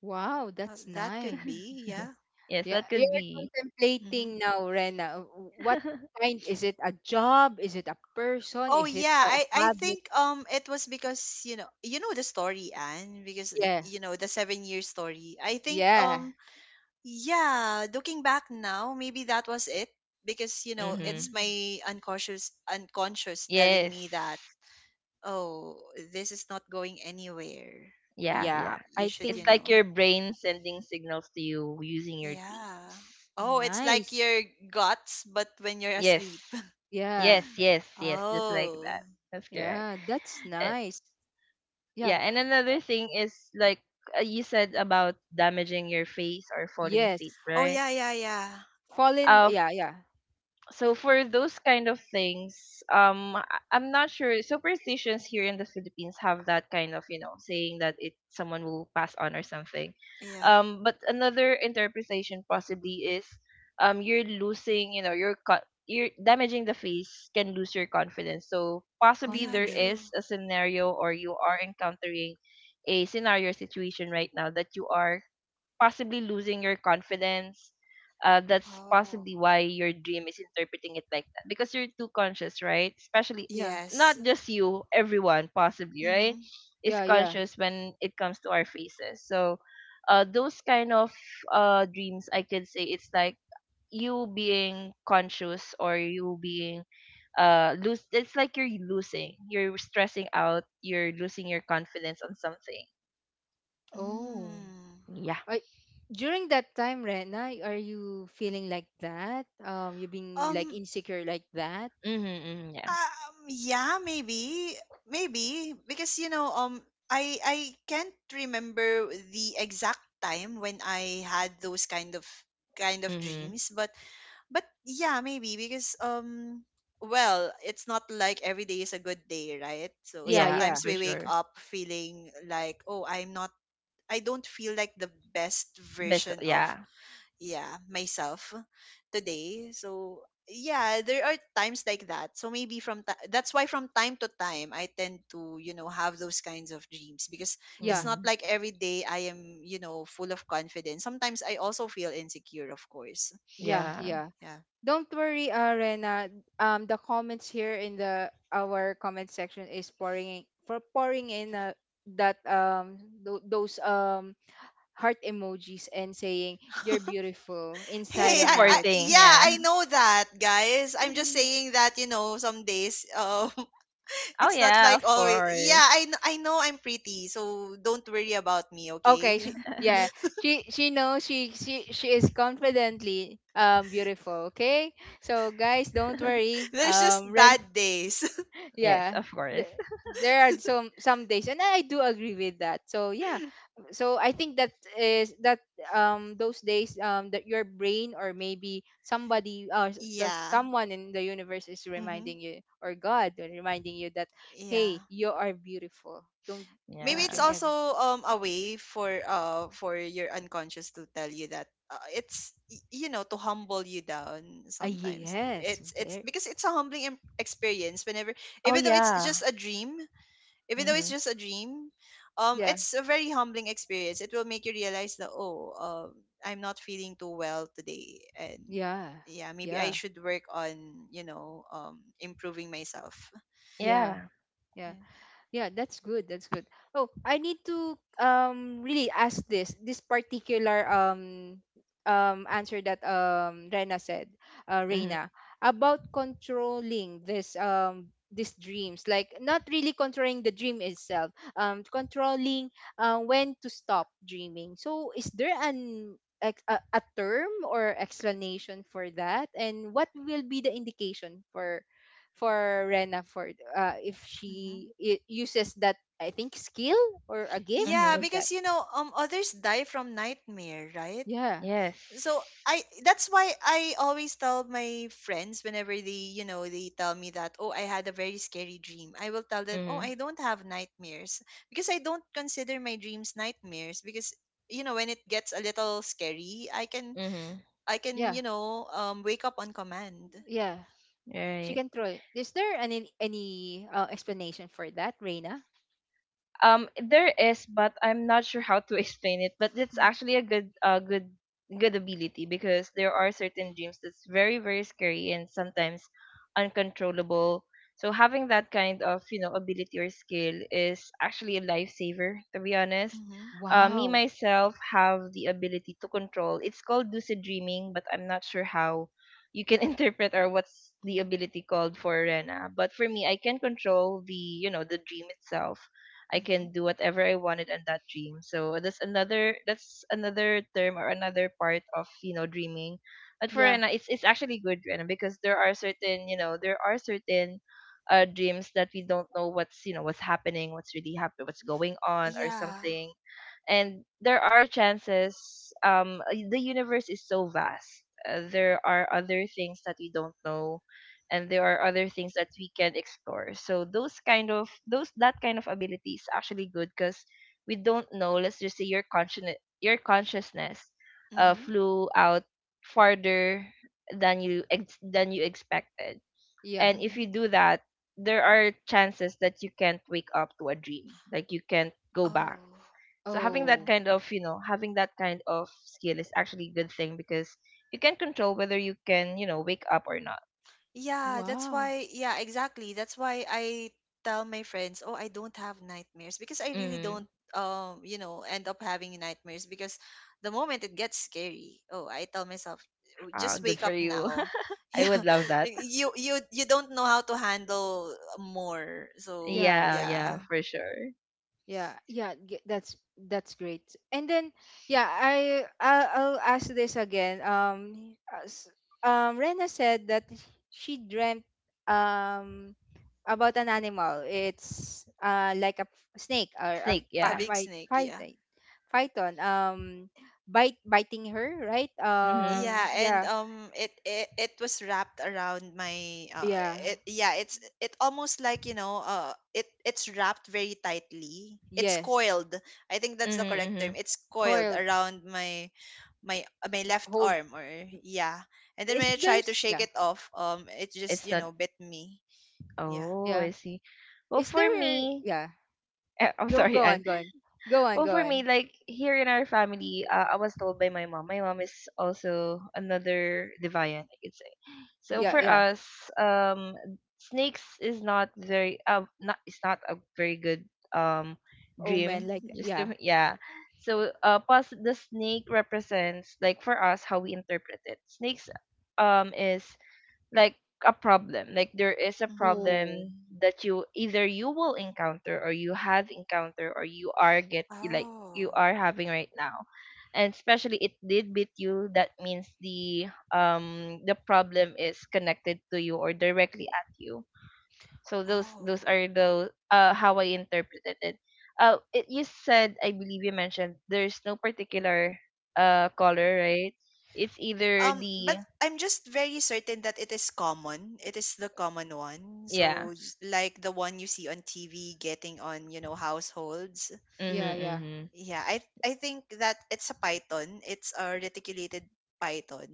wow, that's
that could
nice.
be. Yeah.
yes,
Yeah,
that could
you're
be.
contemplating now, Rena. What kind is it? A job? Is it a person?
Oh,
Is it
yeah,
a
I
habit?
think, it was because, you know, you know the story, Anne, because
Yeah.
you know the 7-year story. I think,
Yeah.
yeah, looking back now, maybe that was it, because you know
Oh.
Mm-hmm.
it's my unconscious telling me that,
Yes,
oh, this is not going anywhere.
yeah,
Yeah.
yeah.
You
I
should,
It's
you
think
like
know.
your brain sending signals to you using your
Yeah.
dreams.
Oh, it's like
nice.
your guts, but when you're asleep.
Yes.
Yeah.
Yes, yes, yes, just like
Oh,
that. That's correct.
Yeah. That's
And,
nice. Yeah.
yeah, and another thing is like, you said about damaging your face or falling feet,
Yes.
oh,
right?
yeah, yeah, yeah,
Fallen.
Uh,
Yeah. Yeah.
so for those kind of things, I'm not sure superstitions here in the Philippines have that kind of saying that it someone will pass on or something.
yeah,
But another interpretation possibly is, you're losing your you're damaging the face, can lose your confidence. So possibly
yeah,
there
Confident.
true.
is a scenario or you are encountering a scenario or situation right now that you are possibly losing your confidence. That's
Oh,
possibly why your dream is interpreting it like that, because you're too conscious, right? Especially
Yeah.
yes.
not just you, everyone possibly, right?
Mm-hmm.
Is
Yeah. Yeah.
conscious when it comes to our faces. So, those kind of dreams, I could say it's like you being conscious, or you being lose it's like you're losing, you're stressing out, you're losing your confidence on something.
Oh.
Mm.
Yeah.
I, During that time, Rena, are you feeling like that? You
Um,
being like
um,
insecure like that?
Mm-hmm, mm-hmm. Yeah.
yeah, maybe, maybe because you know, I can't remember the exact time when I had those kind of
Mm-hmm.
dreams, but yeah, maybe because, well, it's not like every day is a good day, right? So
Yeah.
Yeah,
Yeah.
sometimes
for
we wake
sure.
up feeling like, oh, I don't feel like the best
Best,
version of—
yeah.
yeah, myself today, so yeah, there are times like that. So maybe from ti that's why from time to time I tend to have those kinds of dreams, because it's
Yeah.
not
Hmm.
like every day I am full of confidence. Sometimes I also feel insecure, of course.
Yeah.
Yeah.
Yeah.
Yeah.
Don't worry, Rena. The comments here in the our comment section is pouring in, for pouring in, that, those, heart emojis, and saying you're beautiful inside
Hey, i,
and
I
out.
Supporting,
yeah,
yeah.
I know that, guys. I'm just saying that some days,
Oh
it's not
yeah,
like
of
always. Yeah,
course.
I know I'm pretty, so don't worry about me,
Okay,
okay?
she yeah, she knows, she is confidently, beautiful. Okay, so guys, don't worry.
There's just
Ren
bad days.
Yes,
yeah,
of
the,
course.
there are some days, and I do agree with that. So yeah, so I think that is that, those days, that your brain, or maybe somebody, s- the
Yeah.
someone in the universe is
Mm-hmm.
reminding you, or God, or reminding you that, hey,
Yeah.
you are beautiful. don't
Maybe
don't you
it's
Yeah.
ever.
also a way for your unconscious to tell you that, it's y- you know to humble you down
Ah,
sometimes.
yes,
It's because it's a humbling experience whenever
Oh
even though it's just
yeah.
a dream, even though it's
Mhm.
just a dream,
yeah,
it's a very humbling experience. It will make you realize that, oh, um I'm not feeling too well today, and
yeah,
yeah, maybe I
yeah,
should work on, improving myself.
yeah,
Yeah.
yeah.
Yeah.
Yeah, that's good. That's good. Oh, I need to really ask this particular answer that Rena said,
Mhm.
Reina, about controlling this these dreams, like not really controlling the dream itself, controlling when to stop dreaming. So is there a term or explanation for that, and what will be the indication for Rena for if
Mm-hmm.
she it uses that I think skill or a gift
Yeah,
like
Mhm.
that?
because others die from nightmare, right?
Yeah,
So
Yes.
I that's why I always tell my friends whenever they, you know, they tell me that, oh, I had a very scary dream. I will tell them, oh,
Mhm.
I don't have nightmares because I don't consider my dreams nightmares because, you know, when it gets a little scary,
Mhm.
I can
yeah,
wake up on command.
yeah. She
Right.
can throw it. Is there any explanation for that, Rena?
There is, but I'm not sure how to explain it. But it's
Mm-hmm,
actually a good ability because there are certain dreams that's very, very scary and sometimes uncontrollable. So having that kind of, ability or skill is actually a lifesaver. To be honest,
mm-hmm,
me
Wow.
myself have the ability to control. It's called lucid dreaming, but I'm not sure how you can interpret or what's the
mm-hmm.
ability called for Rena. But for me, I can control the dream itself. I
Mm-hmm.
can do whatever I wanted on that dream. So that's another term or another part of dreaming. But for
Yeah.
Rena, it's actually good Rena because there are certain there are certain dreams that we don't know what's what's happening, what's really happening, what's going on or
Yeah.
something. And there are chances the universe is so vast. There are other things that we don't know and there are other things that we can explore, so those kind of those that kind of ability is actually good because we don't know. Let's just say your consciousness
Mm-hmm,
flew out farther than than you expected.
Yeah.
And if you
mm-hmm.
do that, there are chances that you can't wake up to a dream, like you can't go back.
Oh.
So having that
Oh.
Mm-hmm.
kind of, you know, having that kind of skill is actually a good thing because you can control whether you can wake up or not.
Yeah, that's
Wow.
why, yeah, exactly. That's why I tell my friends, oh, I don't have nightmares because I really
Mm.
don't, you know, end up having nightmares because the moment it gets scary, oh, I tell myself, "Oh,
Ah,
just
good
wake
for
up
you.
now."
I
Yeah,
would love that.
you don't know how to handle more. So
Yeah.
Yeah,
Yeah.
yeah,
yeah,
for sure.
Yeah, yeah, that's great. And then, yeah, I'll ask this again. As- Rena said that she dreamt um about an animal. It's like snake or a
Snake,
a
yeah.
big
fight
snake. Yeah.
python, python. Bite biting her, right?
Mhm.
Yeah, and
Yeah,
it was wrapped around my
yeah,
yeah, it almost like, you know, it's wrapped very tightly. It's
yes,
coiled. I think that's the
Mhm,
correct term.
mhm.
It's coiled
coiled,
around my my left
hold.
arm, or yeah. And then
Is
when I tried to
there's
shake
yeah,
it off, it just,
It's
you
not.
know, bit me. Yeah.
Oh,
yeah.
I see. Well,
Is
for
there,
me,
yeah?
eh, I'm
Go
sorry,
go
Anne.
on, go on. Go on,
Well,
go
for me,
on.
like here in our family, I was told by my mom. My mom is also another deviant, I could say. So
Mm-hmm.
Yeah,
for
yeah.
us, um, snakes is not it's not a very good um
Oh man,
dream.
Mm-hmm.
like
Just
yeah.
to, yeah. So plus the snake represents, like, for us, how we interpret it. Snakes is like a problem, like: there is a
Mm-hmm.
Oh.
problem that you either you will encounter or you have encountered or you
Oh,
are having right now. And especially it did beat you, that means the problem is connected to you or directly at you. So those
oh.
are the how I interpreted it. It, you said, I believe you mentioned, there's no particular color, right? It's either
But
the
I'm just very certain that it is common. It is the common one.
yeah.
So like the one you see on TV getting on, you know, households.
Yeah,
Mm-hmm,
yeah.
mm-hmm.
Yeah, I think that it's a python. It's a reticulated python.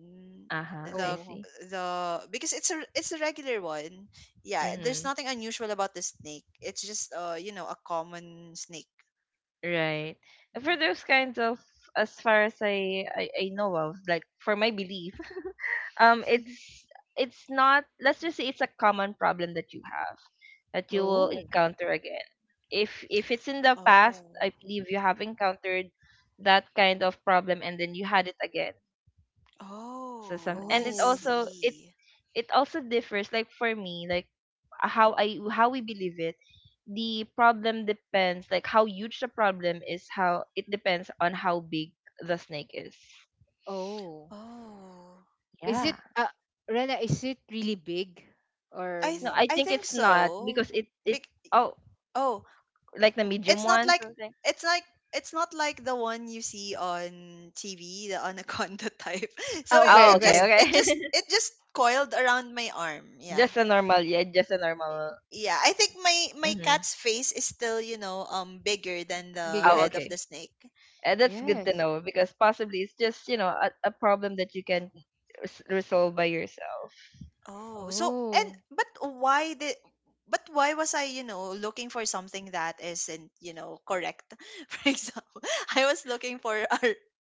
Uh-huh, I
The
Oh.
see.
the because it's a regular one. Yeah, there's
Mm-hmm.
nothing unusual about the snake. It's just, you know, a common snake.
Right.
Yeah.
For those kinds of, as far as I know of, like for my belief, um, it's it's not. Let's just say it's a common problem that you have, that you
Mm-hmm.
will
Oh.
encounter again. If it's in the past,
Oh.
I believe you have encountered that kind of problem and then you had it again. So some,
Oh,
and
I
it
Oh.
also it
see.
it also differs. Like for me, like how I how we believe it, the problem depends, like, how huge the problem is, how it depends on how big the snake is.
Oh.
Oh.
Is
Yeah.
it, Rena, is it really big or
No,
no?
I
I
think
think
it's not
so.
because it
Bec-
oh,
oh,
like the medium
it's not
one,
like,
something.
it's like, it's not like the one you see on TV, the anaconda type. So
Oh, okay,
Oh,
it
okay,
just
okay.
it just
okay.
it just coiled around my arm. Yeah.
Just a normal, yeah, just a normal.
Yeah, I think my
Mm-hmm.
cat's face is still, you know, um, bigger than the
Oh,
Bigger.
head of the
okay.
snake.
That's good to
Yes.
know because possibly it's just, you know, a problem that you can res- resolve by yourself.
Oh, so and
Oh.
but why did but why was I, you know, looking for something that isn't, you know, correct? For example, I was looking for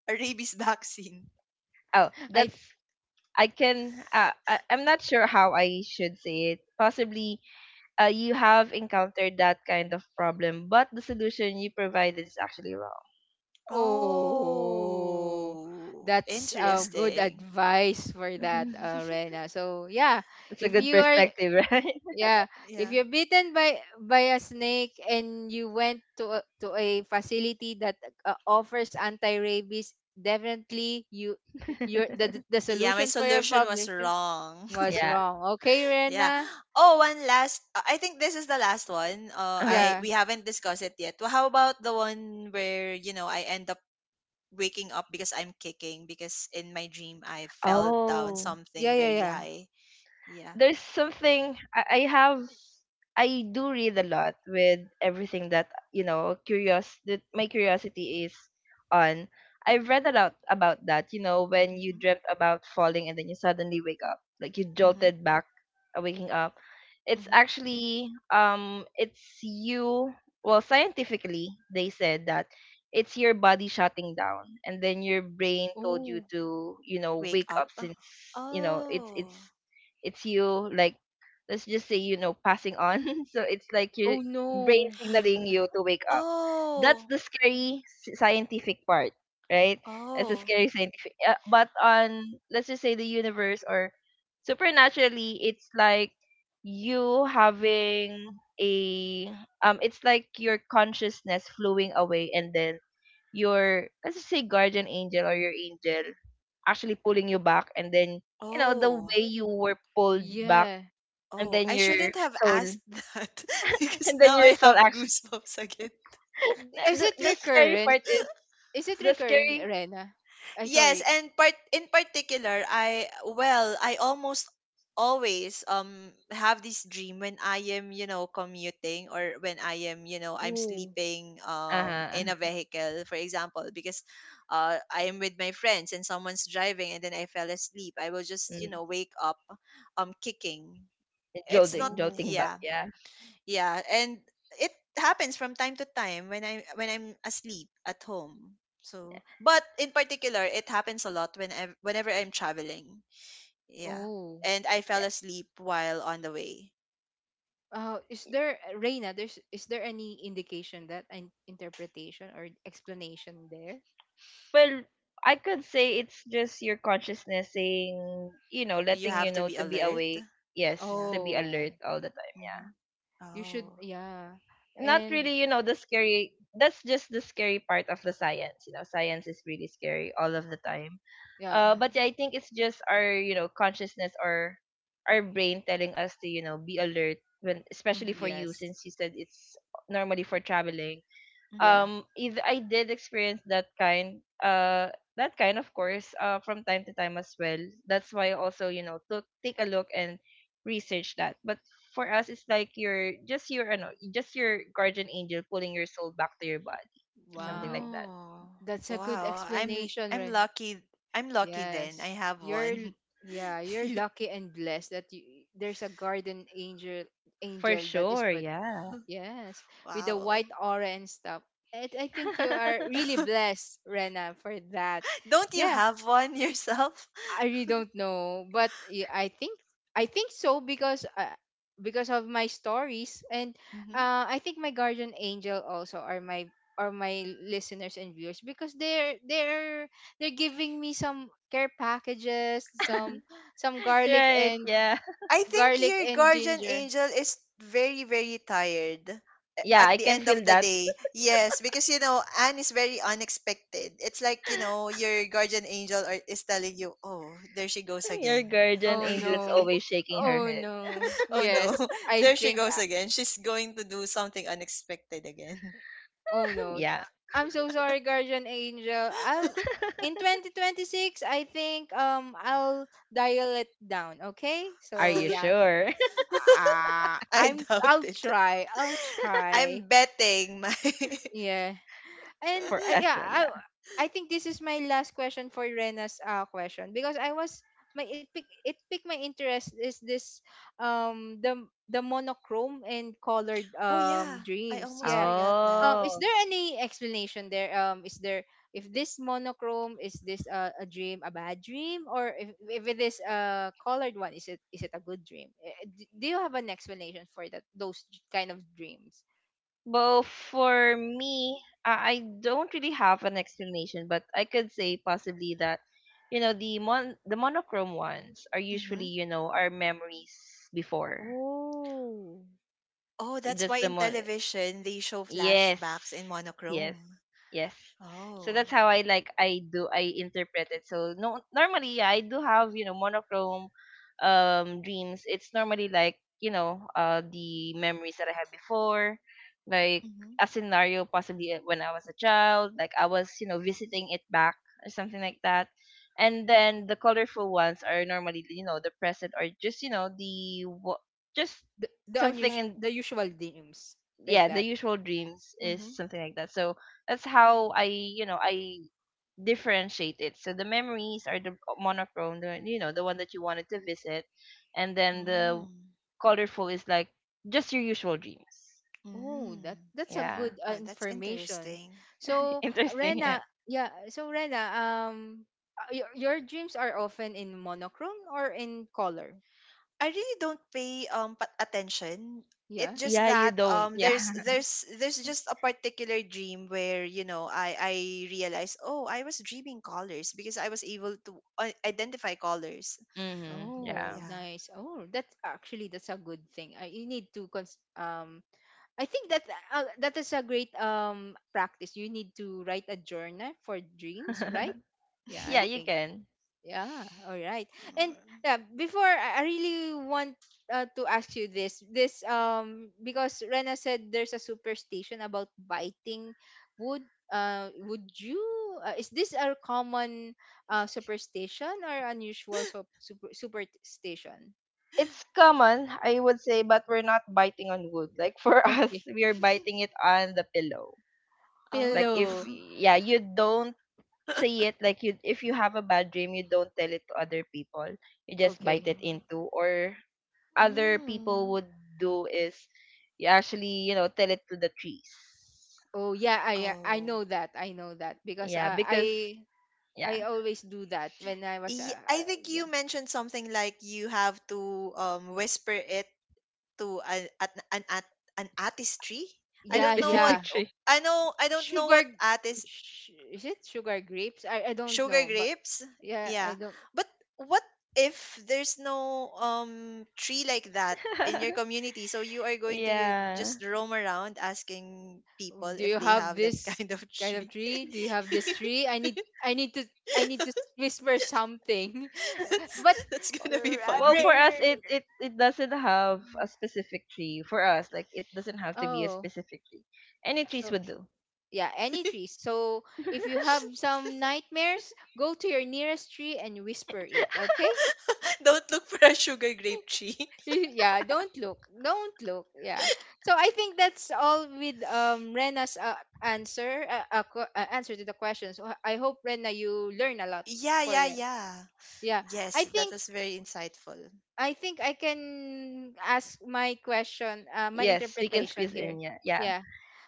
a rabies vaccine.
Oh,
I th-
that's, I can I, I'm not sure how I should say it. Possibly you have encountered that kind of problem, but the solution you provided is actually wrong.
oh.
Oh,
That's
Yeah.
good
interesting.
advice for that, Rena. So yeah,
It's a
if
good
you are
perspective, right?
yeah, if
Yeah.
you're bitten by a snake and you went to a facility that, offers anti-rabies, definitely your the
Yeah, my
solution for your
solution
problem
was wrong.
was
Yeah.
wrong. Okay,
Yeah.
Rena?
Oh, one last. Uh, I think this is the last one.
Uh-huh.
I
Yeah.
We haven't discussed it yet. Well, how about the one where, you know, I end up waking up because I'm kicking because in my dream I fell down
Oh.
Yeah,
something
yeah,
very
yeah.
high. Yeah.
There's something I have, I do read a lot with everything that curious that my curiosity is on. I've read a lot about that, you know, when you
Mhm.
dreamt about falling and then you suddenly wake up, like you
Mhm.
jolted back, waking up. It's
Mhm.
actually it's you well, scientifically, they said that it's your body shutting down and then your brain told you
Oh.
to, you know,
Wake
wake up
up.
since you know it's
Oh.
it's you like, let's just say, you know, passing on so it's like your
Oh
brain
no.
signaling you to wake up. That's
Oh.
the scary s- scientific part, right? That's the
Oh.
scary scientific but on, let's just say, the universe or supernaturally, it's like you having a it's like your consciousness flowing away, and then your, let's just say, guardian angel or your angel actually pulling you back, and then, you know, the
Oh.
way you were pulled back,
Yeah.
and
Oh.
then
I
your
shouldn't have
soul,
asked that because
and then
now
your
I
soul
have
actually,
goosebumps again.
Is it
the scary
recurrent?
part is
Is it
the
recurring,
scary.
Rena? I
Yes,
Sorry.
and part in particular, I well, I almost always have this dream when I am, you know, commuting or when I am, you know, I'm
Oh.
sleeping, um,
Uh-huh,
in a
uh-huh.
vehicle, for example, because I am with my friends and someone's driving and then I fell asleep. I will just, you
Mm.
know, wake up, um, kicking. It's not,
Jolting,
Oh.
jolting back,
yeah,
yeah.
yeah, and it happens from time to time when I'm asleep at home. So, but in particular, it happens a lot when whenever I'm traveling. Yeah.
Oh.
And I fell
Yeah,
asleep while on the way.
Is there, Reina, is there any indication, that an interpretation or explanation there?
well, I could say it's just your consciousness saying, you know,
You
letting
have
you
to
know
be
to be
alert.
awake. Yes,
Yeah.
to be
Oh,
alert all the,
Mhm.
you should,
Oh.
yeah.
not
And
really, you know, the scary. That's just the scary part of the science. You know, science is really scary all of the time.
yeah,
But
Mhm.
yeah, I think it's just our, you know, consciousness or our brain telling us to, you know, be alert when, especially for
Mhm.
you,
yes,
since you said it's normally for traveling.
Mhm.
yeah.
If I did experience that kind of course from time to time as well, that's why I also, you know, took take a look and research that. But for us, it's like your, just your ano, just your guardian angel pulling your soul back to your body, something like
Wow.
that.
Oh.
That's a good
Wow.
explanation,
I'm
Ren.
lucky. I'm lucky then.
Yes.
I have
You're, l-
one.
yeah, you're lucky and blessed that you, there's a garden angel,
For
angel that is,
sure, yeah.
yes, with a
Wow.
white aura and stuff. I think you are really blessed, Rena, for that.
Don't you
Yeah,
have one yourself?
I really don't know, but I think so because, because of my stories, and I think my guardian angel also are my listeners and viewers, because they're giving me some care packages,
Mhm.
some garlic
Right,
and
yeah,
I think your guardian
ginger.
angel is very, very tired
yeah,
at
I
the
can
end
feel
of the
that.
day. Yes, because, you know, Anne is very unexpected. It's like, you know, your is telling you, oh, there she goes
Your
again.
guardian
Oh
angel is
no.
always shaking her
Oh
head.
no.
Oh
Yes,
no,
I
there she
think
goes again. She's going to do something unexpected again.
Oh no.
Yeah,
I'm so sorry, Guardian Angel. I'll In 2026, I think I'll dial it down, okay?
are
So
you
yeah.
sure?
Ah,
I doubt
I'll
it.
try. I'll try.
I'm betting my.
Yeah, and
For as
yeah,
well,
I
yeah.
I think this is my last question for Rena's, question, because I was my it pick it picked my interest is this, um the the monochrome and colored,
Oh yeah, I
dreams.
almost
Yeah.
forgot that.
Is
Oh.
there any explanation there? Is there If this monochrome is this, a dream, a bad dream, or if it is a colored one, is it a good dream? Do you have an explanation for that those kind of dreams?
Well, for me, I don't really have an explanation, but I could say possibly that, you know, the monochrome ones are usually,
Mm-hmm.
you know, our memories before.
Oh.
Oh, that's
That's
why
the
in
mon,
television they show
yes.
flashbacks in
Yes.
monochrome.
Yes. So
Oh.
that's how I, like I do, I interpret it. So no, normally, yeah, I do have, you know, monochrome dreams. It's normally like, you know, the memories that I had before, like
Mhm.
a scenario, possibly, when I was a child, like I was, you know, visiting it back or something like that. And then the colorful ones are normally, you know, the present or just, you know, the wa- just
The
something
unusual
in,
the usual names like
yeah, the
that.
usual dreams is
Mhm.
something like that. So that's how I, you know, I differentiate it. So the memories are the monochrome, the, you know, the one that you wanted to visit, and then the
Mm.
colorful is like just your usual dreams.
Oh,
Mm.
that's a
Yeah.
good,
Oh, that's
information.
interesting.
So
Interesting, yeah.
Rena, yeah. So Rena, your dreams are often in monochrome or in color.
I really don't pay attention.
Yeah.
It's just
Yeah, you
that,
don't,
um,
yeah.
there's just a particular dream where, you know, I realize, oh, I was dreaming colors because I was able to identify colors.
Hmm, yeah.
Oh,
Yeah.
nice. Oh, that's a good thing. You need to I think that, that is a great, practice. You need to write a journal for dreams,
Mhm.
right? Yeah, I
Yeah, you
think
can.
Yeah, all right. And
Mm.
yeah, before I really want, to ask you this, because Rena said there's a superstition about biting wood. Would you? Is this a common, superstition, or unusual, superstition?
It's common, I would say, but we're not biting on wood, like for us,
Okay,
we are biting it on the pillow. Like, if
pillow.
Oh.
yeah, you don't say it, like, you, if you have a bad dream, you don't tell it to other people, you just bite
Okay.
it into, or other people
Mm.
would do is you actually, you know, tell it to the trees.
Oh yeah, I
Oh,
know that. I know that because,
Yeah, because,
I
yeah.
I always do that when I was,
I think you
yeah,
mentioned something like you have to, um, whisper it to an artistry. I
Yeah.
yeah,
don't know what.
Specific
yeah,
tree.
I know. I don't know
sugar,
what artist.
is it sugar grapes, I don't
Sugar
know, but
grapes.
yeah, I
Yeah,
don't.
but what if there's no, um, tree like that in your community? So you are going to, you
Yeah,
just roam around asking people
Do
if
you
they
have
have that
this
kind of
kind of
tree.
tree? Do you have this tree? I need to I need to whisper something.
that's
But
that's gonna be
r-
well,
funny.
for us,
r-
it doesn't have a specific tree. For us, like, it doesn't have to be a
oh,
specific tree, any trees
so
would do.
yeah, any trees. So if you have some nightmares, go to your nearest tree and whisper it, okay?
Don't look for a sugar grape tree.
Yeah, don't look. Yeah, so I think that's all with, Rena's, answer answer to the question. So I hope Rena, you learn a lot
Yeah,
for
yeah,
you,
yeah.
yeah. i
Yes, that
think
was very insightful.
I think I can ask my question, my
Yes, we can
interpretation
squeeze
here.
in, yeah, yeah.
Yeah,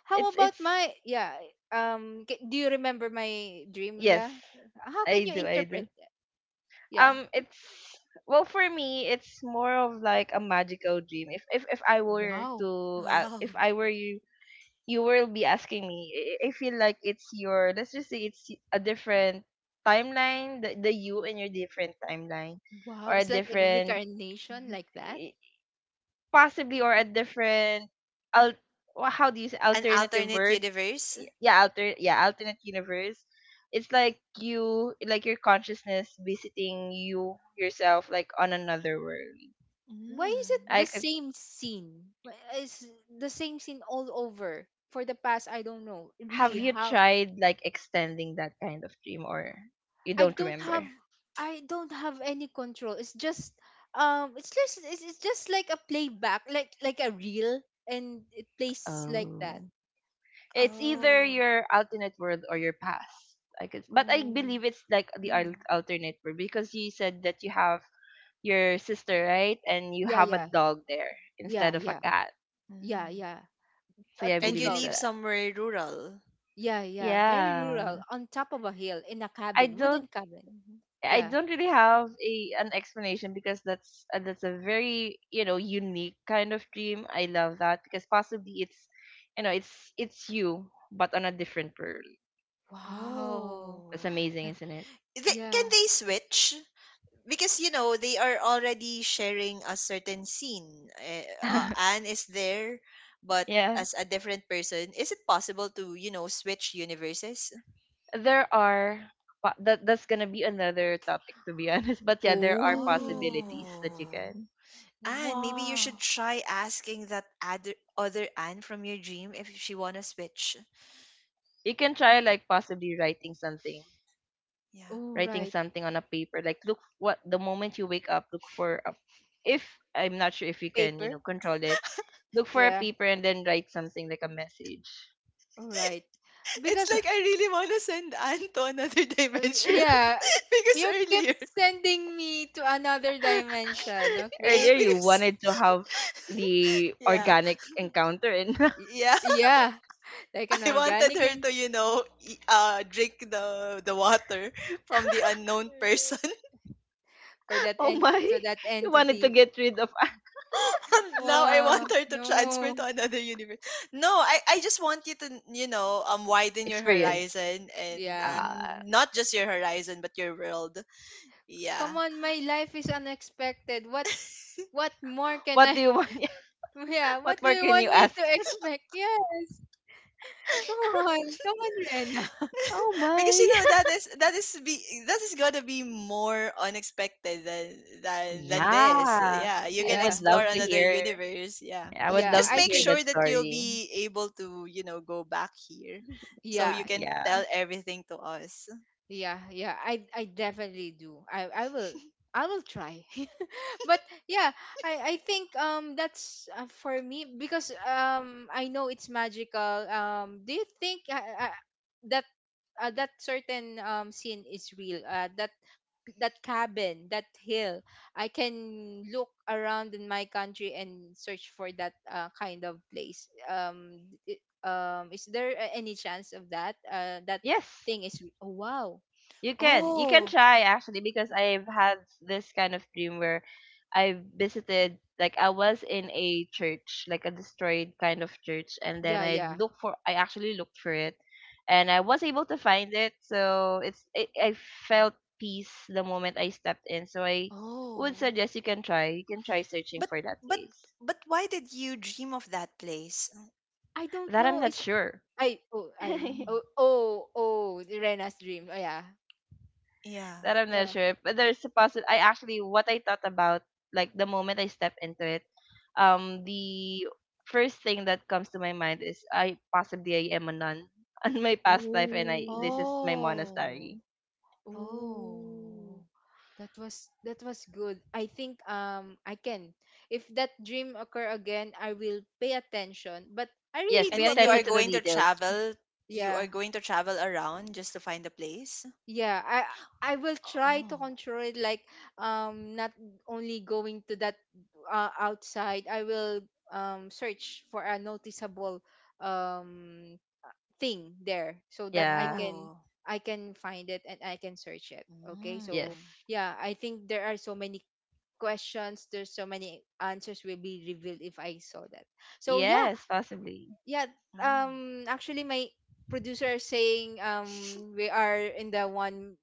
how
it's
about
it's
my, yeah? Do you remember my dream?
yes,
Yeah, how
i
can you
do i do.
interpret that? Yeah.
It's, well, for me, it's more of like a magical dream. If I were
Wow.
to
Wow.
if I were you, you will be asking me, I feel like it's your, let's just say, it's a different timeline, the you and your different timeline,
Wow,
or a
it's like a
different,
reincarnation
Mhm.
like that.
possibly, or a different al-, wha- how do you say,
An
alternative
alternate
world.
universe?
Yeah, alter yeah, alternate universe. It's like you, like your consciousness visiting you yourself like on another world.
Why is
Mm.
it the
I could,
same scene? Why Is the same scene all over for the past? I don't know.
have
Really,
you
how?
tried like extending that kind of dream, or you
I
don't
don't have.
remember?
I don't have any control. It's just. It's just. It's just like a playback, like a reel, and it plays like that.
Oh, it's either
Oh.
your alternate world or your past. I could, but I
Oh.
believe it's like the al-
Hmm.
alternate world because you said that you have your sister, right, and you
Yeah.
have a
Yeah.
dog there instead
Yeah.
of a
Yeah.
cat.
Yeah.
Mm.
Yeah.
So yeah, I
Two
And
believe
you
it's
live
a
dogs.
somewhere rural?
Yeah. Yeah. Very rural,
yeah.
on top of a hill, in a
I
cabin,
don't,
wooden cabin.
Mhm.
I
Yeah.
don't really have a, an explanation because that's a very, you know, unique kind of dream. I love that because possibly it's, you know, it's you but on a different world.
Wow.
That's
Oh.
amazing,
That,
isn't it?
They, can
yeah.
they switch? Because, you know, they are already sharing a certain scene. Eh, uh, Anne is there, but
Yeah,
as a different person, is it possible to, you know, switch universes?
there are po-, that that's gonna be another topic, to be honest. But yeah, there are
Oh,
possibilities that you
Oh.
can.
Anne, maybe you should
wow.
try asking that other Anne from your dream if she wanna switch.
You can try, like, possibly writing something,
Yeah.
Oh,
writing
right.
something on a paper, like, look, what the moment you wake up, look for a, if, I'm not sure if you can, you
Paper.
know, control it, look for a
Yeah.
paper and then write something like a message.
All right.
It's
Because,
like I really want to send Anne to another dimension
yeah,
because
you kept
earlier,
sending me to another dimension,
Earlier,
okay?
you
because
wanted to have the
yeah,
organic encounter and
Y-
yeah,
Yeah, like an
I wanted
organic
her
and
to, you know, drink the water from the unknown person.
for that
oh
ent
my,
so that
you wanted to
entity.
get rid of.
Now I
Wow,
want her to transfer
no.
to another universe. No, I just want you to, you know, widen your
Experience,
horizon
Yeah.
uh,
not just your horizon, but your world.
Come
Yeah.
on, my life is unexpected. What more can
what do
I
you want?
Yeah,
What
what do
more
you
can
want
you
me
ask?
to expect? Yes. Come on. Come on, Ren.
Oh
Because,
my.
you know, that is be that is gonna be more unexpected than this.
Yeah,
Yeah, you
i
can
Yeah,
would love
explore
to
another
hear
universe. Yeah,
I would
yeah.
love
just
to
I
make
hear
think
that
sure that you'll
story.
be able to, you know, go back here, so
Yeah,
you can
Yeah.
tell everything to us.
yeah, yeah. I definitely do. I will try. But yeah, I think, that's, for me, because I know it's magical. Do you think, uh, that that certain, scene is real? That cabin, that hill. I can look around in my country and search for that, kind of place. Is there any chance of that? That
Yes,
thing is. Oh, wow.
you can. You can
Oh,
try, actually, because I've had this kind of dream where I visited, like I was in a church, like a destroyed kind of church, and then
Yeah,
I
yeah.
looked for, I actually looked for it and I was able to find it. So it's it, I felt peace the moment I stepped in. So I would
oh.
suggest you can try. You can try searching
But
for that
but
place.
why did you dream of that place?
I don't
That I'm
know.
not
Is
sure.
I
Mm,
oh oh Oh, the Rena's dream. Oh yeah.
yeah.
That I'm not
Yeah.
sure. But there's a possible, I actually, what I thought about, like the moment I step into it, the first thing that comes to my mind is I, possibly I am a nun on my past life, and I,
Oh.
this is my
Oh,
monastery.
oh.
Oh. That was good. I think, I can. If that dream occur again, I will pay attention. But I
Yes,
really
pay
And
do a
then you
attention
are
pay
to the
going to
details.
travel, you
yeah.
are going to travel around just to find a place?
Yeah. I will try to
Oh.
control it, like, not only going to that, outside. I will, search for a noticeable, um thing there so that
Yeah.
Oh.
I can find it and I can search it. Okay? So
Mm,
Yes.
yeah, I think there are so many questions there's so many answers will be revealed if I saw that. So yeah,
Yes, possibly.
yeah.
mm.
Actually, my producer is saying, we are in the one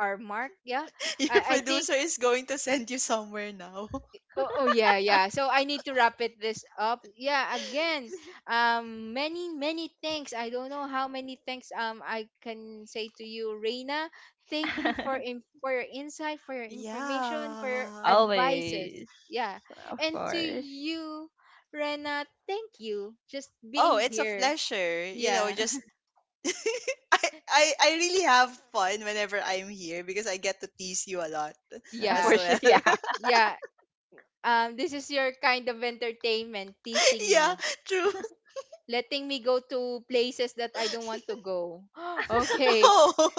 hour mark. Yeah,
Your
I think
producer is going to send you somewhere now.
Oh, oh yeah, yeah. So I need to wrap it this up. Yeah, again, many, many thanks. I don't know how many thanks, I can say to you, Reina. Thank you for your insight, for your information, for your
Yeah.
advices.
Always,
Yeah,
of
and to
course,
you, Rena, thank you just
Oh,
being
it's a
here.
pleasure. You know,
Yeah,
just I really have fun whenever I'm here because I get to tease you a lot as
for
yeah,
sure.
well.
Yeah.
yeah. This is your kind of entertainment, teasing
Yeah,
me.
true.
Letting me go to places that I don't want to go. Okay.
Oh,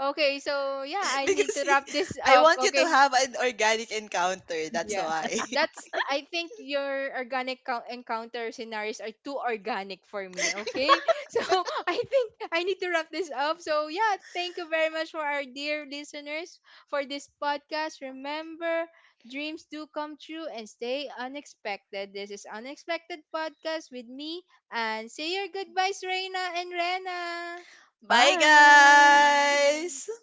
Okay, so yeah, I need
because
to wrap this
I
up.
want you to
Okay.
have an organic encounter. That's
Yeah,
why.
that's. I think your organic encounter scenarios are too organic for me. Okay, so I think I need to wrap this up. So yeah, thank you very much. For our dear listeners, for this podcast, remember, dreams do come true and stay unexpected. This is Unexpected Podcast with me, and say your goodbyes, Reina and Rena.
Bye,
Bye.
guys.
Bye.